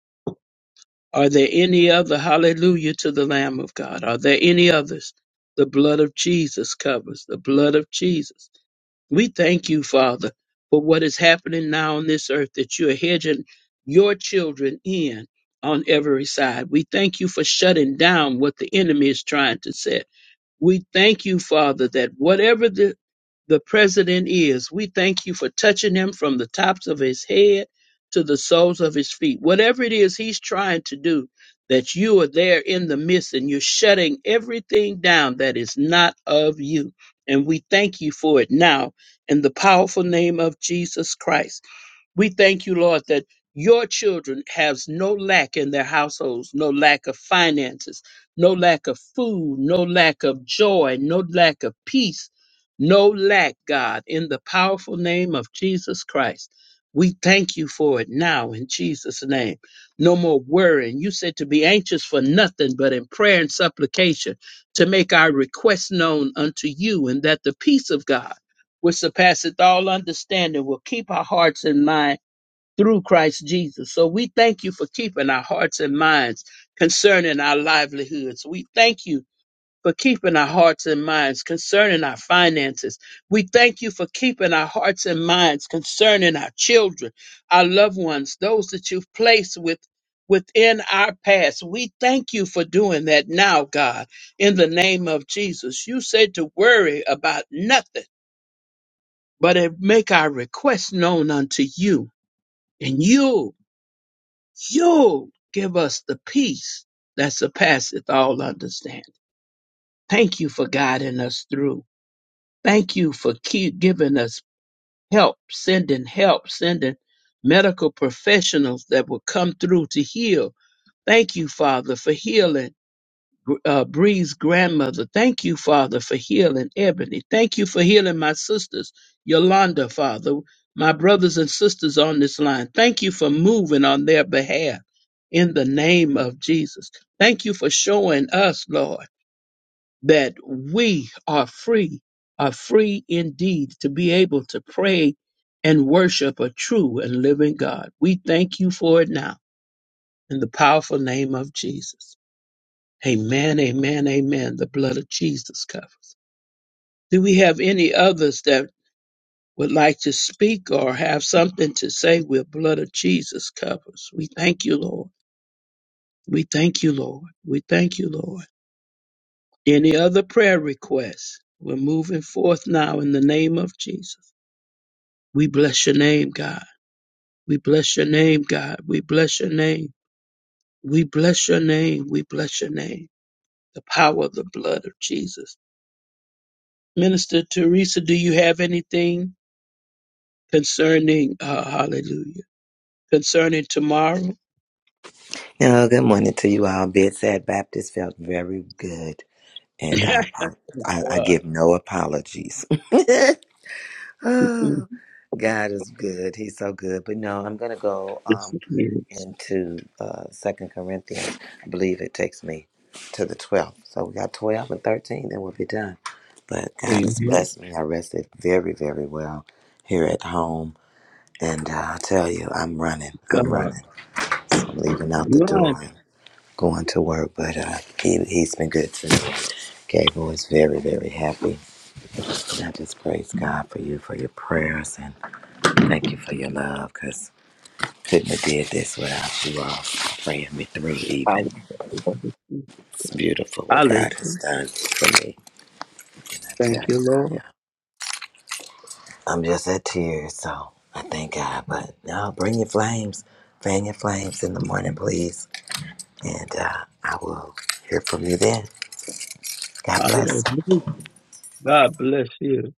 Speaker 5: are there any other? Hallelujah to the Lamb of God. Are there any others? The blood of Jesus covers. The blood of Jesus. We thank you, Father, for what is happening now on this earth, that you are hedging your children in on every side. We thank you for shutting down what the enemy is trying to set. We thank you, Father, that whatever the the president is. We thank you for touching him from the tops of his head to the soles of his feet. Whatever it is he's trying to do, that you are there in the midst and you're shutting everything down that is not of you. And we thank you for it now in the powerful name of Jesus Christ. We thank you, Lord, that your children have no lack in their households, no lack of finances, no lack of food, no lack of joy, no lack of peace, no lack, God, in the powerful name of Jesus Christ. We thank you for it now in Jesus' name. No more worrying. You said to be anxious for nothing but in prayer and supplication to make our requests known unto you, and that the peace of God, which surpasseth all understanding, will keep our hearts and minds through Christ Jesus. So we thank you for keeping our hearts and minds concerning our livelihoods. We thank you for keeping our hearts and minds concerning our finances. We thank you for keeping our hearts and minds concerning our children, our loved ones, those that you've placed with within our past. We thank you for doing that now, God, in the name of Jesus. You said to worry about nothing, but make our request known unto you. And you You'll give us the peace that surpasseth all understanding. Thank you for guiding us through. Thank you for keep giving us help, sending help, sending medical professionals that will come through to heal. Thank you, Father, for healing uh, Bree's grandmother. Thank you, Father, for healing Ebony. Thank you for healing my sisters, Yolanda, Father, my brothers and sisters on this line. Thank you for moving on their behalf in the name of Jesus. Thank you for showing us, Lord, that we are free, are free indeed to be able to pray and worship a true and living God. We thank you for it now in the powerful name of Jesus. Amen, amen, amen. The blood of Jesus covers. Do we have any others that would like to speak or have something to say with blood of Jesus covers? We thank you, Lord. We thank you, Lord. We thank you, Lord. Any other prayer requests? We're moving forth now in the name of Jesus. We bless your name, God. We bless your name, God. We bless your name. We bless your name. We bless your name. The power of the blood of Jesus. Minister Teresa, do you have anything? concerning uh, hallelujah concerning tomorrow
Speaker 14: Oh, good morning to you all. Bedside Baptist felt very good, and I I, I
Speaker 5: God.
Speaker 14: give no apologies. oh, God is good. He's so good. But no, I'm gonna go
Speaker 5: Yes,
Speaker 14: um
Speaker 5: it is.
Speaker 14: into uh Second Corinthians. I believe it takes me to the 12th. So we got 12 and 13, then we'll be done. But God has
Speaker 5: Amen.
Speaker 14: blessed me. I rested very, very well here at home, and uh, I tell you, I'm running. I'm
Speaker 5: God.
Speaker 14: running. So I'm leaving out the
Speaker 5: Run.
Speaker 14: door going to work, but uh, he, he's been good to me. Gabriel is very, very happy. And I just praise God for you, for your prayers, and thank you for your love, because couldn't have did this without you all praying me through even.
Speaker 5: Hallelujah.
Speaker 14: It's beautiful what
Speaker 5: Hallelujah.
Speaker 14: God has done for me. And I tell
Speaker 5: Thank
Speaker 14: you,
Speaker 5: you,
Speaker 14: I,
Speaker 5: Lord.
Speaker 14: uh, I'm just at tears, so I thank God. But no, bring your flames. Fan your flames in the morning, please. And uh, I will hear from you then. God bless.
Speaker 5: Hallelujah. God bless you.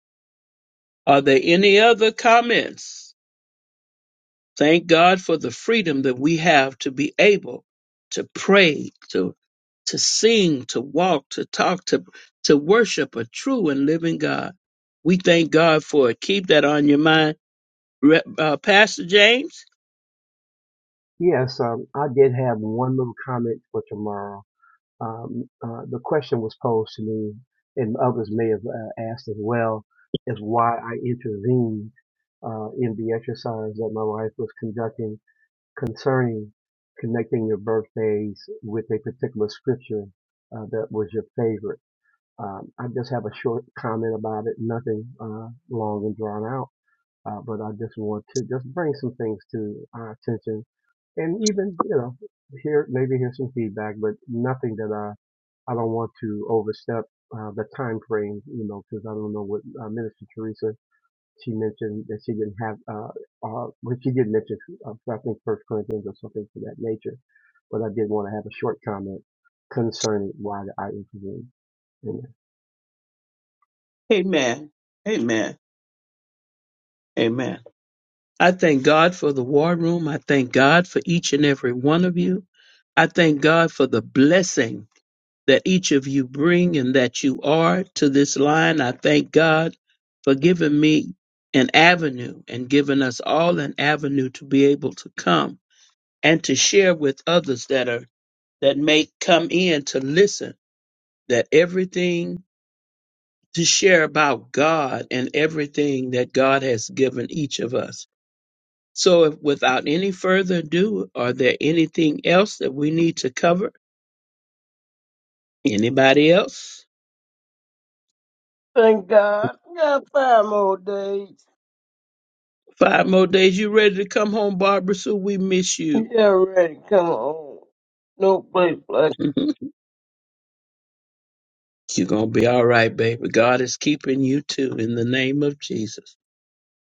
Speaker 5: Are there any other comments? Thank God for the freedom that we have to be able to pray, to to sing, to walk, to talk, to to worship a true and living God. We thank God for it. Keep that on your mind Re- uh, Pastor James.
Speaker 10: Yes, um, I did have one little comment for tomorrow. Um, uh, the question was posed to me, and others may have uh, asked as well, is why I intervened uh, in the exercise that my wife was conducting concerning connecting your birthdays with a particular scripture uh, that was your favorite. Um, I just have a short comment about it, nothing uh, long and drawn out, uh, but I just want to just bring some things to our attention and even you know here maybe here's some feedback but nothing that i i don't want to overstep uh, the time frame you know because i don't know what uh, minister teresa she mentioned that she didn't have uh uh well, she did mention uh, i think first corinthians or something to that nature but i did want to have a short comment concerning why i intervened Amen.
Speaker 5: Amen. Amen. Amen. I thank God for the war room. I thank God for each and every one of you. I thank God for the blessing that each of you bring and that you are to this line. I thank God for giving me an avenue and giving us all an avenue to be able to come and to share with others that are that may come in to listen that everything to share about God and everything that God has given each of us. So, if, without any further ado, are there anything else that we need to cover? Anybody else?
Speaker 3: Thank God. I got five more days.
Speaker 5: Five more days. You ready to come home, Barbara? So we miss you.
Speaker 3: Yeah, ready. Come on. No place like.
Speaker 5: Mhm. You're gonna be all right, baby. God is keeping you too. In the name of Jesus.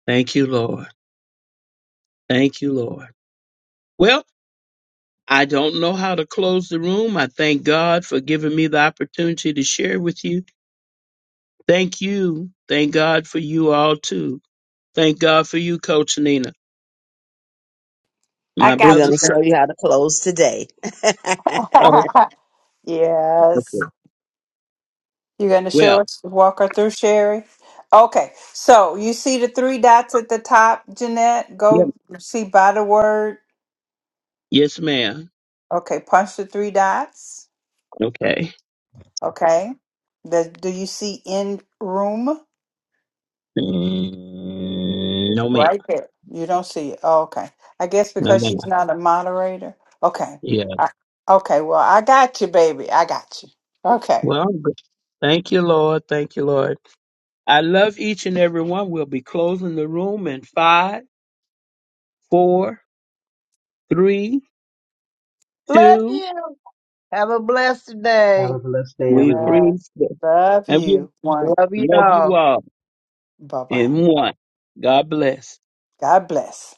Speaker 5: Thank you, Lord. Thank you, Lord. Well. I don't know how to close the room. I thank God for giving me the opportunity to share with you Thank you. Thank God for you all too. Thank God for you, Coach Nina. My
Speaker 2: I-
Speaker 4: We're going to
Speaker 5: brothers and
Speaker 4: show you how to close today.
Speaker 5: oh,
Speaker 2: yes.
Speaker 5: okay.
Speaker 2: You're going to show
Speaker 5: well,
Speaker 2: us, walk her through, Sherry? Okay. So you see the three dots at the top, Jeanette?
Speaker 5: yeah.
Speaker 2: Go see by the word.
Speaker 5: yes, ma'am.
Speaker 2: Okay. Punch the three dots.
Speaker 5: Okay.
Speaker 2: Okay. The, do you see in room?
Speaker 5: Mm, no, ma'am.
Speaker 2: Right there. You don't see it. Oh, okay. I guess
Speaker 5: No,
Speaker 2: because
Speaker 5: ma'am.
Speaker 2: she's not a moderator. Okay.
Speaker 5: Yeah.
Speaker 2: I, okay. Well, I got you, baby. I got you. Okay.
Speaker 5: Well, I'm good. thank you, Lord. Thank you, Lord. I love each and every one. We'll be closing the room in five, four, three,
Speaker 3: Love
Speaker 5: two.
Speaker 3: you. Have a blessed
Speaker 10: Have
Speaker 3: day.
Speaker 10: a blessed day,
Speaker 5: We
Speaker 10: everyone.
Speaker 2: Uh,
Speaker 5: praise God.
Speaker 2: love
Speaker 5: and we
Speaker 2: you. One.
Speaker 3: Love
Speaker 5: love
Speaker 3: y'all.
Speaker 5: you all
Speaker 2: Bye bye.
Speaker 5: in one. God bless.
Speaker 2: God bless.